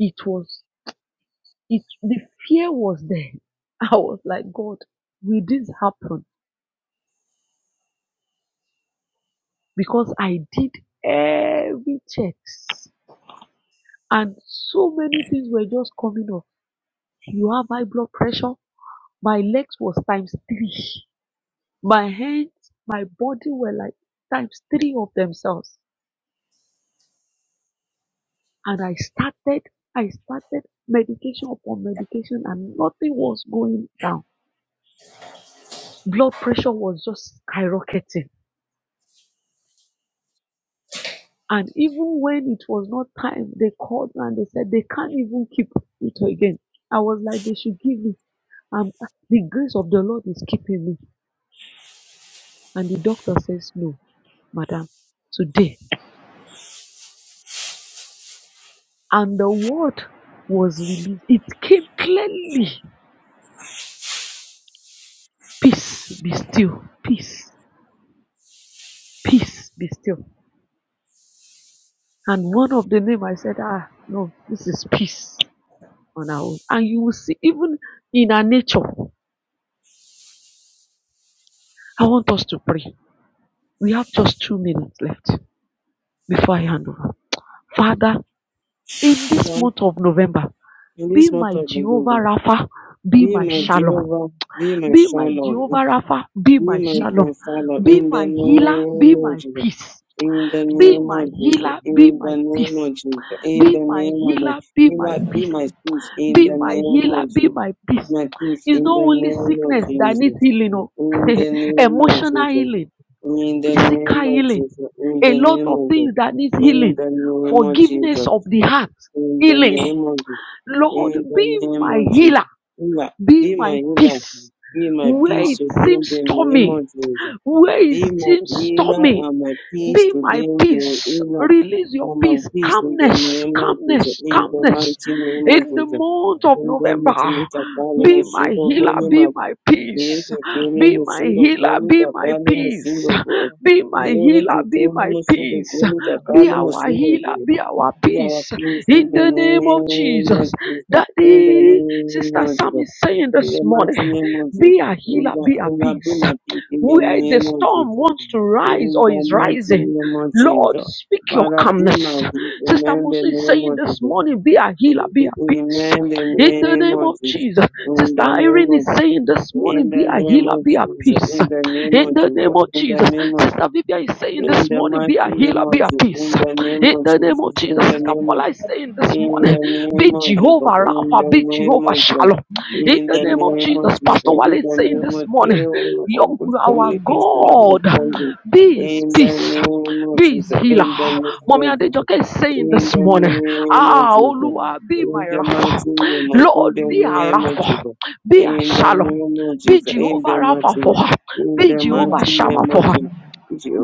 S2: it was, it, the fear was there. I was like, God, will this happen? because I did every checks and so many things were just coming up. You have high blood pressure. My legs was times three. My hands, my body were like times three of themselves. And I started, I started medication upon medication and nothing was going down. Blood pressure was just skyrocketing. And even when it was not time, they called and they said they can't even keep it again. I was like, they should give me I'm, the grace of the Lord is keeping me. And the doctor says, No, madam, today. And the word was released. It came clearly. Peace be still. Peace. Peace be still. And one of the name I said, Ah, no, this is peace on our own. And you will see, even in our nature, I want us to pray. We have just two minutes left before I hand over. Father, in this
S1: Father,
S2: month of November,
S1: in
S2: be
S1: this month
S2: my
S1: of
S2: Jehovah
S1: November,
S2: Rapha, be
S1: be
S2: my
S1: my
S4: know,
S2: Shalom
S1: Jehovah, be my
S2: Be my Jehovah
S1: Shalom,
S2: Rapha. Be
S1: be
S2: my
S1: my
S2: Shalom.
S1: Father,
S2: Be
S1: in the
S2: my healer. Be
S1: name of
S2: my
S1: Jesus.
S2: peace.
S1: In the
S3: Amen.
S2: Be
S1: name
S2: my
S1: of Jesus,
S2: healer. Be
S1: in
S2: my
S1: the name
S2: peace.
S1: of Jesus, in
S2: Be
S3: Jesus.
S1: the
S2: my
S1: name of
S3: Thank
S1: Jesus,
S2: healer. Be
S1: be
S2: my
S1: my, be
S2: peace.
S3: you,
S1: my peace in
S2: Be
S1: the
S2: my
S3: Jesus.
S1: name
S2: healer.
S1: of
S2: Be
S1: Jesus,
S2: my peace.
S1: my peace
S2: It's
S3: So
S1: in
S2: not
S1: the
S3: far,
S2: only
S1: name of
S2: sickness that needs
S1: Jesus,
S2: healing, oh.
S1: in the name of
S2: emotional
S1: Jesus,
S2: healing,
S1: in the
S3: emotional.
S2: physical
S1: name of
S2: healing,
S1: Jesus, in
S2: a
S1: the
S2: lot
S1: name
S2: of
S1: of
S2: things
S1: Jesus,
S2: that needs
S1: in
S2: healing,
S1: the name of
S2: forgiveness
S1: Jesus,
S2: of the heart,
S1: in the
S2: healing.
S1: name of Jesus,
S2: Lord,
S1: in the
S2: be
S1: name
S2: my
S1: of Jesus,
S2: healer.
S1: be my,
S2: Be
S1: be my
S2: my
S1: healer,
S2: peace
S1: be my
S2: where
S1: peace
S2: it
S1: in
S2: seems
S1: the name
S2: stormy,
S1: of Jesus.
S2: where it
S1: Be my
S2: seems
S1: healer
S2: stormy.
S1: and my peace
S2: Be
S1: to
S2: my
S1: them The are
S2: peace. Release your
S1: and my
S2: peace.
S1: peace in the
S2: Calmness,
S1: name of Jesus,
S2: calmness,
S1: in the mighty
S2: calmness.
S1: name of
S2: In the
S1: Jesus.
S2: month of
S1: In the
S2: November,
S1: Mutumita Pali
S2: be my
S1: Musingo
S2: healer, be
S1: Golema,
S2: my peace.
S1: Yaka Kiri
S2: Be my
S1: Musingo
S2: healer, be
S1: Golika
S2: my
S1: Pali
S2: peace.
S1: Musingo Go,
S2: Be my
S1: Lele
S2: healer, be
S1: Tikoli
S2: my
S1: Musingo
S2: peace.
S1: Golika
S2: Be
S1: Pali
S2: our
S1: Musingo
S2: healer,
S1: Go.
S2: be our
S1: We are
S2: peace.
S1: peace in
S2: In
S1: the
S2: the name of
S1: name
S2: Jesus.
S1: of Jesus, in the
S2: Daddy,
S1: name
S2: Sister
S1: of
S2: Sam
S1: Jesus,
S2: is saying
S1: in
S2: this
S1: the mighty
S2: morning,
S1: name of Jesus.
S2: be a
S1: In
S2: healer,
S1: the,
S2: be a
S1: in the, be
S2: peace
S1: my peace in the
S2: where the
S1: name of
S2: storm
S1: Jesus
S2: wants to rise
S1: in
S2: or
S1: the
S2: is
S1: mighty
S2: rising.
S1: name of
S2: Lord,
S1: Jesus.
S2: speak your
S1: Father, be my
S2: calmness.
S1: healing
S2: Sister
S1: in the
S2: Musu is
S1: name
S2: saying
S1: of
S2: this
S1: Jesus.
S2: morning, be a healer, be a peace.
S1: Amen. The
S2: In the
S1: name
S2: name
S1: of
S2: of
S1: Jesus.
S2: Jesus.
S1: In
S2: Sister
S1: the name
S2: Irene is
S1: of Jesus.
S2: saying this morning,
S1: In
S2: be
S1: the
S2: a
S1: name
S3: Thank
S2: healer,
S1: of
S2: be a
S1: Jesus.
S2: peace.
S1: In the name
S2: In
S1: of
S2: the
S1: Jesus.
S2: name of
S1: In the
S2: Jesus.
S1: name of
S2: Sister
S1: Jesus.
S2: Vivian is saying
S1: In
S2: this
S1: the
S2: morning,
S1: mighty
S2: be a healer,
S1: name
S2: be
S1: of
S2: a
S1: Jesus.
S2: peace.
S1: In the name
S2: In
S1: of
S2: the name of
S1: Jesus.
S2: Jesus.
S1: In the
S2: Sister
S1: name of Jesus.
S2: Paula is saying this
S1: In
S2: morning,
S1: the
S2: be
S1: name of Jesus,
S2: Jehovah
S1: in
S2: Rapha,
S1: the
S2: be
S1: name
S2: Jehovah
S1: of Jesus,
S2: Shalom. In
S1: in
S2: the
S1: the
S4: you
S2: name of
S1: name of
S2: Jesus.
S1: Jesus,
S2: Pastor Wale
S1: in
S2: is
S1: the
S2: saying
S1: name
S2: this
S1: of
S2: morning,
S1: Jesus, for
S2: your,
S1: good
S2: our
S1: communication and
S2: God,
S1: understanding.
S2: be his
S1: In the
S2: peace,
S1: name of
S2: be his
S1: Jesus,
S2: healer.
S1: in the name
S2: Mommy
S1: of Jesus.
S2: Adejoke is saying
S1: In
S2: this
S1: the
S2: morning,
S1: name of
S2: Ah,
S1: Jesus.
S2: Olua, be my
S1: In the mighty
S2: Rapha.
S1: name of in
S2: Lord,
S1: the
S2: be a
S1: name of
S2: Rapha,
S1: Jesus.
S2: be a
S1: In the
S2: Shalom.
S1: name of
S2: Be
S1: Jesus. In
S2: Jehovah
S1: the
S2: Rapha
S1: mighty
S2: for
S1: name.
S2: her.
S1: In
S2: Be
S1: the
S4: know, you
S1: mighty
S4: know.
S2: Jehovah Shammah
S1: name
S2: for
S1: of
S2: her.
S1: Jesus.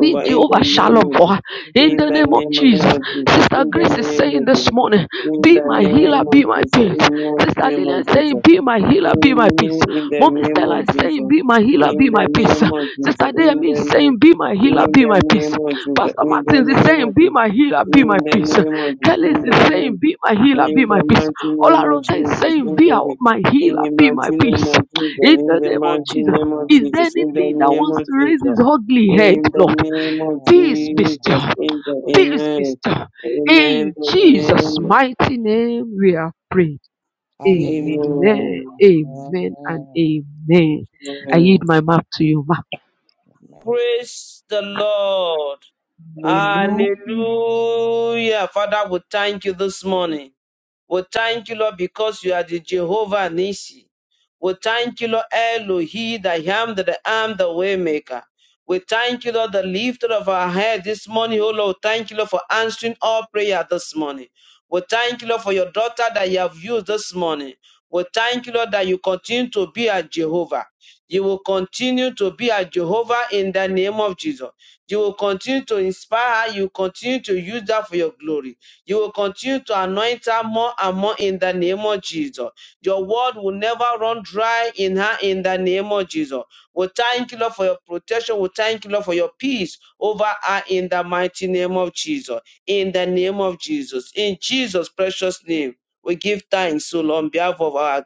S2: Be
S1: in the
S2: Jehovah
S1: name
S2: Shalom
S1: of
S2: for her
S1: Jesus.
S2: in
S1: In
S2: the
S1: the
S2: name of
S1: name of name
S2: Jesus.
S1: of Jesus.
S2: Sister
S1: In the
S2: Grace is
S1: name
S2: saying
S1: of
S2: this
S1: Jesus.
S2: morning,
S1: In
S2: Be
S1: the
S2: my healer,
S1: name of
S2: be my
S1: Jesus.
S2: peace.
S1: In the
S2: Sister
S1: name
S2: Lillian
S1: of
S2: is
S1: Jesus.
S2: saying, Be my healer, be my peace.
S1: In the
S2: Mommy
S1: name
S2: Stella
S1: of
S2: is saying,
S1: Jesus.
S2: Be my healer, be
S1: In
S2: my
S1: the
S2: peace.
S1: name of Jesus.
S2: Sister
S1: In
S2: Demi
S1: the
S2: is saying,
S1: name.
S2: Be my healer,
S1: In
S2: be
S1: the
S2: my peace.
S1: name of Jesus.
S2: Pastor
S1: In the
S2: Martins is
S1: name
S2: saying,
S1: of
S2: Be
S1: Jesus.
S2: my healer, be my
S1: In the
S2: peace.
S1: name of Jesus.
S2: Kelly
S1: In
S2: is saying, Be my healer, be
S1: the name. In
S2: my
S1: the
S2: peace.
S1: mighty name of
S2: Olaronke is
S3: you.
S1: Jesus.
S2: saying,
S1: In
S2: Be
S1: the
S2: our-
S1: name.
S2: my
S1: In
S2: healer,
S1: the
S2: be
S1: mighty
S2: my peace. In the
S3: Hallelujah.
S2: name of Jesus.
S3: Amen.
S1: name of
S2: Is there
S1: Jesus. In the
S2: anything that
S1: mighty name
S3: Good
S2: wants
S1: of
S2: to raise
S1: Jesus.
S2: his ugly head,
S1: In the
S2: Lord?
S1: name of
S2: Peace be
S1: Jesus.
S2: still.
S1: In the name of Jesus. In the
S2: Peace be
S1: amen.
S2: still.
S1: Amen.
S2: In Jesus'
S1: Amen.
S2: mighty name, we are prayed.
S4: Amen.
S2: Amen.
S1: Amen.
S2: Amen and amen. I
S1: Amen.
S2: yield my mouth to you, ma.
S1: Praise the Lord.
S4: Hallelujah.
S1: Hallelujah. Father, we thank you this morning. We thank you, Lord, because you are the Jehovah Nisi. We thank you, Lord Elohi, the Yam, the Am, the Waymaker. We thank you, Lord, the lifter of our head this morning, oh Lord. Thank you, Lord, for answering all prayer this morning. We thank you, Lord, for your daughter that you have used this morning. We thank you, Lord, that you continue to be a Jehovah. You will continue to be a Jehovah in the name of Jesus. You will continue to inspire her. You continue to use that for your glory. You will continue to anoint her more and more in the name of Jesus. Your word will never run dry in her in the name of Jesus. We thank you, Lord, for your protection. We thank you, Lord, for your peace over her in the mighty name of Jesus. In the name of Jesus. In Jesus' precious name, we give thanks, so Lord, on behalf of our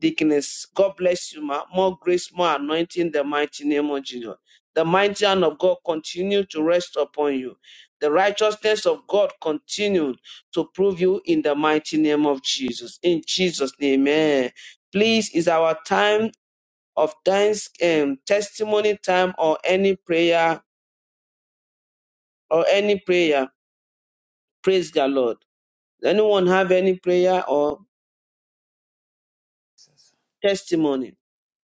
S1: deaconess. God bless you, ma. More grace, more anointing in the mighty name of Jesus. The mighty hand of God continue to rest upon you. The righteousness of God continue to prove you in the mighty name of Jesus. In Jesus' name, amen. Please, is our time of thanks um, testimony time or any prayer or any prayer. Praise the Lord. Anyone have any prayer or testimony?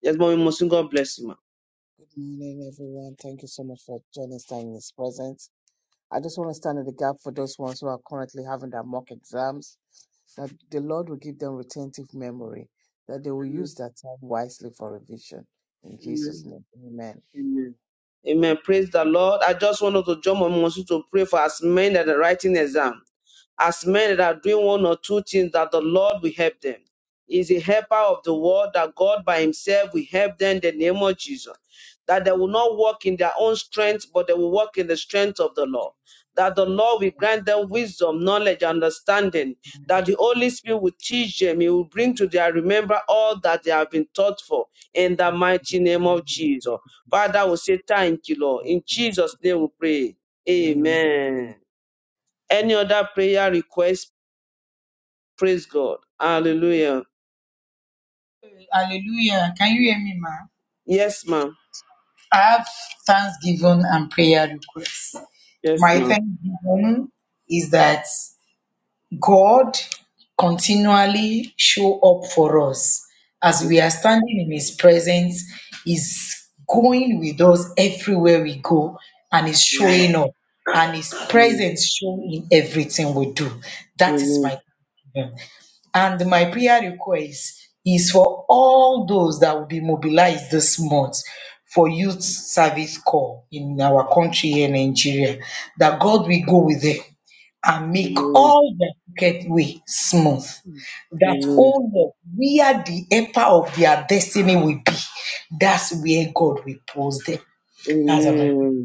S1: Yes, Mommy Mosin, God bless you, ma.
S3: morning, everyone. Thank you so much for joining us in this presence. I just want to stand in the gap for those ones who are currently having their mock exams, that the Lord will give them retentive memory, that they will
S1: Amen.
S3: use that time wisely for revision. In Jesus'
S1: Amen.
S3: name, amen.
S1: Amen. Amen. Praise the Lord. I just wanted to join Mommy Mosin to pray for as many that are writing exam. as men that are doing one or two things that the Lord will help them. Is a helper of the world that God by Himself will help them in the name of Jesus. That they will not walk in their own strength, but they will walk in the strength of the Lord. That the Lord will grant them wisdom, knowledge, understanding. That the Holy Spirit will teach them. He will bring to their remember all that they have been taught for in the mighty name of Jesus. Father, we say thank you, Lord. In Jesus' name we pray.
S3: Amen.
S1: Amen. Any other prayer request? Praise God. Hallelujah.
S4: Hallelujah. Can you hear me, ma?
S1: Yes, ma'am.
S4: I have thanksgiving and prayer requests.
S1: Yes,
S4: My
S1: ma'am.
S4: thanksgiving is that God continually show up for us as we
S1: Amen.
S4: are standing in his presence is going with us everywhere we go and is showing up and his
S1: Amen.
S4: presence shown in everything we do that is
S1: Amen.
S4: my and my prayer request is for all those that will be mobilized this month for youth service corps in our country here in Nigeria, that God will go with them and make
S1: Amen.
S4: all their crooked way smooth. That, oh Lord, where the emperor of their destiny will be, that's where God will pose them. That's my prayer.
S1: Amen.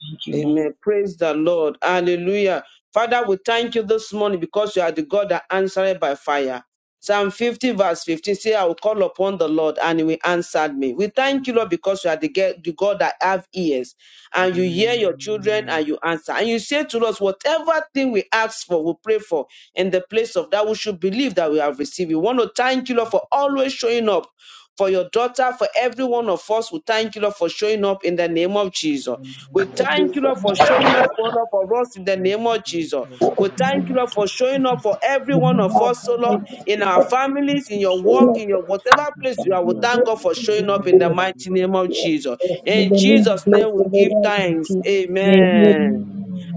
S4: thank you,
S1: Amen. Praise the Lord. Hallelujah. Father, we thank you this morning because you are the God that answered by fire.
S3: Thank you.
S1: Psalm 50, verse 15 say, I will call upon the Lord and he will answer me. We thank you, Lord, because you are the, ge- the God that have ears and you hear your children
S3: Amen.
S1: and you answer. And you say to us, whatever thing we ask for, we pray for in the place of that we should believe that we have received. We want to thank you, Lord, for always showing up for your daughter, for every one of us. We thank you, Lord, for showing up in the name of Jesus. We
S3: Amen.
S1: thank you, Lord, for showing up for all of us in the
S3: Thank
S1: name
S3: you,
S1: of Jesus.
S3: Jesus.
S1: We thank
S3: Lord.
S1: you, Lord, for showing up for every one of us, oh Lord, in our families, in your work, in
S4: ma.
S1: your whatever
S3: Thank you,
S1: place you are. We
S4: Amen.
S3: Jesus.
S4: Our
S1: thank God for showing up
S3: Amen.
S1: in the
S3: Amen.
S1: mighty name of Jesus. In Jesus' name, we give thanks. Amen.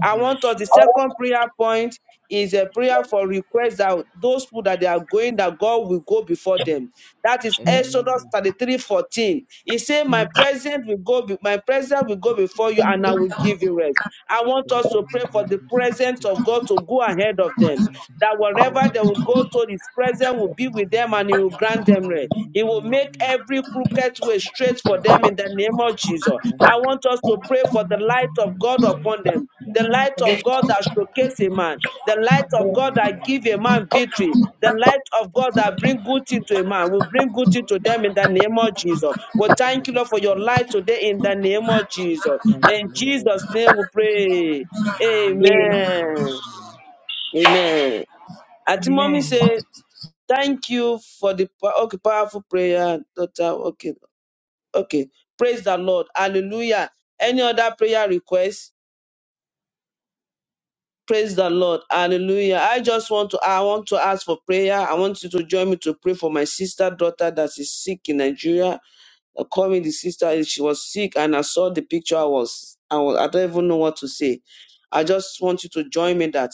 S1: I want us, the second prayer point is a prayer for requests that those people that they are going, that God will go before them that is Exodus
S3: Amen.
S1: 33 14. He said, My presence will go, be- my presence will go before you, and I will give you rest. I want
S3: Thank
S1: us to pray for the
S3: you,
S1: presence of
S3: Jesus.
S1: God to go ahead of
S3: Thank
S1: them
S3: you,
S1: that
S3: Lord.
S1: wherever they will go to, his presence will be with them and he
S3: Amen.
S1: will
S3: Thank you,
S1: grant
S3: Jesus.
S1: them rest. He will
S3: Amen. Amen.
S1: make
S3: Amen.
S1: every crooked way straight for
S3: Thank
S1: them
S3: you,
S1: in the
S3: Jesus.
S1: name of Jesus. I want us to pray for the light of God upon them. The light of God that showcase a man, the light of God that give a man victory, the light of God that bring good thing to a man will bring good thing to them in the name of Jesus. We thank you, Lord, for your light today in the name of Jesus.
S3: Thank
S1: In
S3: you, Lord.
S1: Jesus' name we pray. Amen.
S3: Amen.
S1: Amen. I mommy say, thank you for the po- okay, powerful prayer, daughter. Okay, okay. Praise the Lord. Hallelujah. Any other prayer request? Praise the Lord. Hallelujah. I just want to I want to ask for prayer. I want you to join me to pray for my sister daughter that is sick in Nigeria. uh, calling the sister she was sick and i saw the picture i was i was i don't even know what to say i just want you to join me that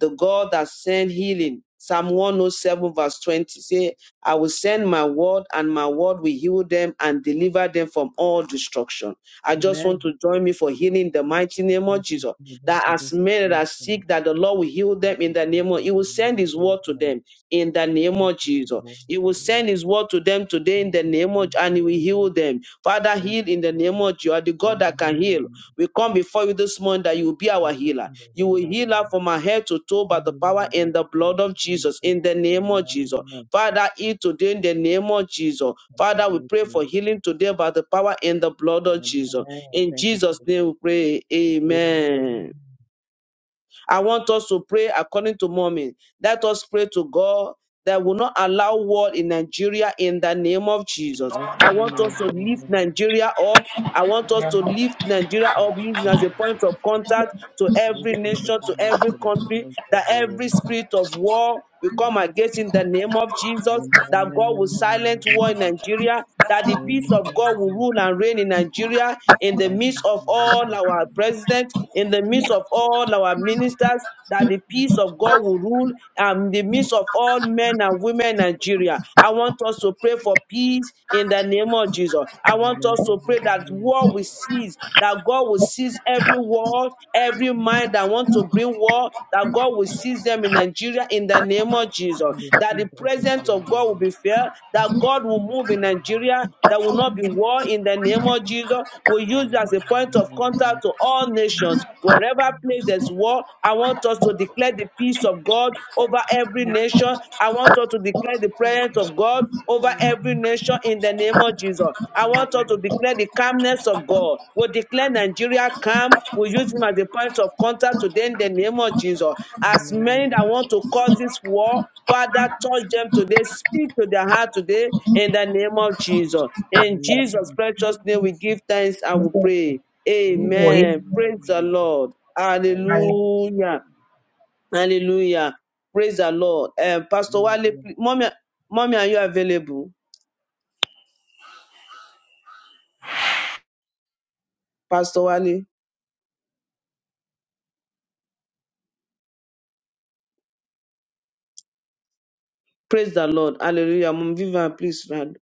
S1: the god that sent healing psalm 107 verse 20 say i will send my word and my word will heal them and deliver them from all destruction i just
S3: Amen.
S1: want to join me for healing in the mighty name
S3: This
S1: of
S3: is
S1: jesus
S3: the reason
S1: that
S3: for this
S1: as many that
S3: one
S1: are
S3: from the
S1: sick that the lord will heal them in the name of
S3: institution
S1: he will
S3: and
S1: send
S3: moving
S1: his word
S3: business
S1: to
S3: and
S1: them in the name of jesus
S3: world
S1: he
S3: of
S1: will
S3: the world.
S1: send his word to them today in
S3: Thank
S1: the
S3: you.
S1: name
S3: And
S1: of and he will
S3: then
S1: heal them. Father,
S3: thank
S1: heal in the name of you are the God that can heal. We come before you this morning that you will be our
S3: you
S1: healer.
S3: for the
S1: You will heal
S3: realizing
S1: us from our head to toe by the
S3: everyone
S1: power and
S3: wants
S1: the blood of
S3: to be
S1: Jesus in
S3: first.
S1: the name
S3: and
S1: of Jesus.
S3: everyone
S1: Father, heal today in the name of Jesus.
S3: thank you,
S1: Father, we pray for
S3: Jesus.
S1: healing today by the power and the blood of Jesus.
S3: Amen.
S1: In
S3: Thank you,
S1: Jesus'
S3: Jesus.
S1: name we pray. Amen. I want us to pray according to moment. Let us pray to God that will not allow war in Nigeria in the name of Jesus. I want
S3: Amen.
S1: us to lift
S3: Amen.
S1: Nigeria up. I want us to lift Nigeria
S3: Thank
S1: up
S3: you,
S1: using as
S3: Jesus.
S1: a point of contact to
S3: Yes,
S1: every
S3: my
S1: nation, to
S3: dear,
S1: every
S3: there will be no
S1: country, that
S3: trouble.
S1: every spirit of war will come against in the name of Jesus, that God will silence war
S3: Amen.
S1: in Nigeria, that the peace of God will
S3: Amen.
S1: rule and reign in Nigeria, in the
S3: Thank you,
S1: midst of all
S3: Jesus.
S1: our presidents, in the midst of all our ministers, that the peace of God will rule um, in the midst of all men and women in Nigeria. I want us to pray for peace in the name of Jesus. I want
S3: Amen.
S1: us to pray that war will cease, that God will cease every war, every mind that wants to bring war, that that God will seize them in Nigeria in the name of Jesus,
S3: In the
S1: that the
S3: seat of his
S1: presence
S3: holy
S1: of God will
S3: name.
S1: be felt, that God will move in Nigeria, there will not be war in the name of Jesus. We use it as a point of contact
S3: Amen.
S1: to all nations. Wherever place there's war, I want us to declare the peace of God over every nation. I want us to declare the
S3: Yes,
S1: presence
S3: I
S1: of God over
S3: do.
S1: every nation in the name of Jesus. I want us to
S3: Amen.
S1: declare the calmness of God. We'll declare Nigeria calm. We'll use him as a point of contact today in the name of Jesus. As many
S3: Amen.
S1: that want to cause this war, Father, touch them today. Speak to their heart today in the name of Jesus. In Jesus' precious name, we give thanks and we pray.
S3: Amen.
S1: Amen. Praise the
S3: Amen.
S1: Lord.
S3: Hallelujah.
S1: Hallelujah. Hallelujah. Praise the Lord. Um, Pastor Wale,
S3: Amen.
S1: please-
S3: Amen. Amen. Amen.
S1: mommy, mommy, are you available? Pastor Wale. Praise the Lord. Hallelujah. Mom Vivian, please round,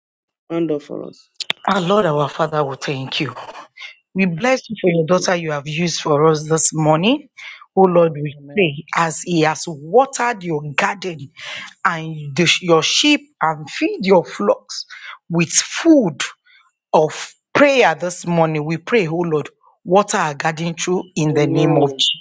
S1: round up for us.
S4: Lord, our Father, we thank you. We bless you for your daughter you have used for us this morning. Oh Lord, we
S3: Amen.
S4: pray as He has watered your garden and the- your sheep and feed your flocks with food. of prayer this morning. We pray, oh Lord, water our garden through in the name of
S1: Amen.
S4: Jesus.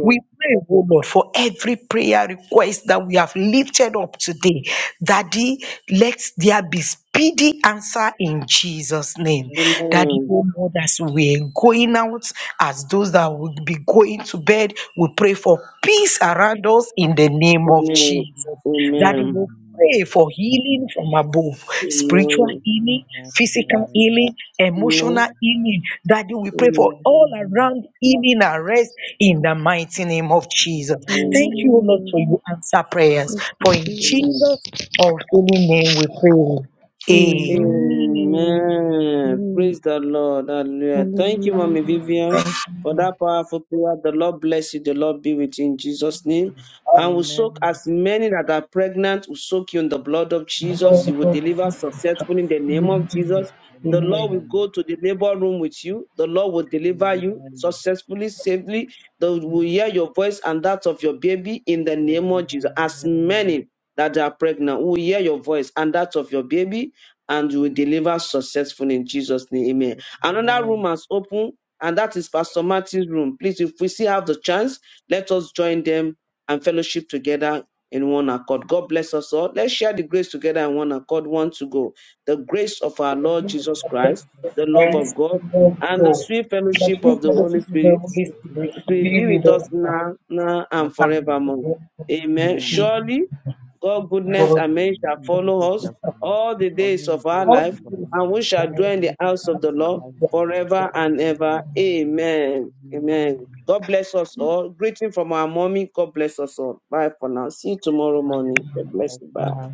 S4: We pray, oh Lord, for every prayer request that we have lifted up today. Daddy, let there be speedy answer in Jesus' name. Daddy,
S1: Amen.
S4: oh Lord, as we're going out, as those that will be going to bed, we pray for peace around us in the name of
S1: Amen.
S4: Jesus. Daddy,
S1: Amen.
S4: we pray for healing from above, spiritual
S1: Amen.
S4: healing, physical healing,
S1: Amen.
S4: emotional healing. Daddy, we pray for
S3: Amen.
S1: Amen.
S4: all around healing and rest in the mighty name of Jesus. Thank you, O Lord,
S2: Amen.
S4: for you answer prayers. For in
S1: Amen.
S2: Jesus.
S4: Jesus' holy name we pray.
S3: Amen. Amen.
S4: Amen.
S2: Amen.
S1: Amen.
S2: Amen.
S1: Praise
S3: Amen.
S1: the Lord. Hallelujah. Thank you, Mommy
S2: Hallelujah.
S3: Hallelujah.
S1: Vivian, for that powerful prayer. The Lord bless you. The Lord be with you in Jesus' name. And we soak
S3: Amen.
S1: as many that are pregnant, we soak you in the blood of Jesus.
S3: Amen.
S4: Lord
S1: You will
S4: God,
S3: Amen.
S1: deliver successfully in the name
S4: you
S1: of Jesus. The Lord
S4: Amen.
S1: will
S3: um,
S1: go to the labor room with you. The Lord will deliver you
S3: Amen.
S1: successfully, safely. The Lord will hear your voice and that of your baby in the name of Jesus. As
S3: Amen.
S1: many that are pregnant, we will hear your voice and that of your baby and you will deliver successfully in Jesus' name. Amen. Another room
S3: Amen.
S1: has opened, and that is Pastor Martin's room. Please, if we still have the chance, let us join them and fellowship together in one accord. God bless us all. Let's share the grace together in one accord. One to go. The grace of our
S3: This
S1: Lord
S4: Thank
S3: is
S4: you
S3: the
S4: for
S1: Jesus
S3: Lord
S4: the
S1: Christ,
S3: Jesus Christ.
S4: Jesus
S1: the
S3: and
S1: love of
S4: Christ,
S1: God,
S4: the Lord
S3: the
S1: and
S3: Holy
S1: the
S4: God.
S1: sweet
S4: The
S1: fellowship
S4: free
S1: of the Holy
S4: fellowship of
S1: Spirit
S4: the Holy
S3: Spirit is
S4: Spirit
S1: it
S3: faithful to do
S1: will be
S3: just
S4: be
S1: with
S4: with
S1: us
S3: now.
S4: us now.
S1: now, now and
S3: Nothing
S4: come
S3: is
S1: forevermore.
S3: more.
S4: to
S1: Amen.
S4: see
S3: Amen.
S1: Surely God goodness
S4: God
S1: and mercy
S3: This
S1: shall
S3: is my
S1: follow
S5: God.
S1: us
S3: sister for me.
S1: all the days
S3: Only
S1: of
S3: grace
S1: our
S4: All the
S3: is
S1: life,
S3: for
S4: days
S3: me.
S4: of
S1: and we shall dwell
S4: life,
S1: in the
S3: This is
S1: house of the
S3: not
S4: times
S3: a
S1: Lord
S4: of
S3: hard
S4: the
S3: word.
S1: forever and
S3: Only
S1: ever.
S3: in
S4: Lord.
S3: anger.
S1: Amen.
S3: Amen.
S1: Amen. God bless us all. Greeting from our mommy. God bless us all. Bye for now. See you tomorrow morning. God bless
S3: Amen.
S1: you. Bye.
S3: Amen.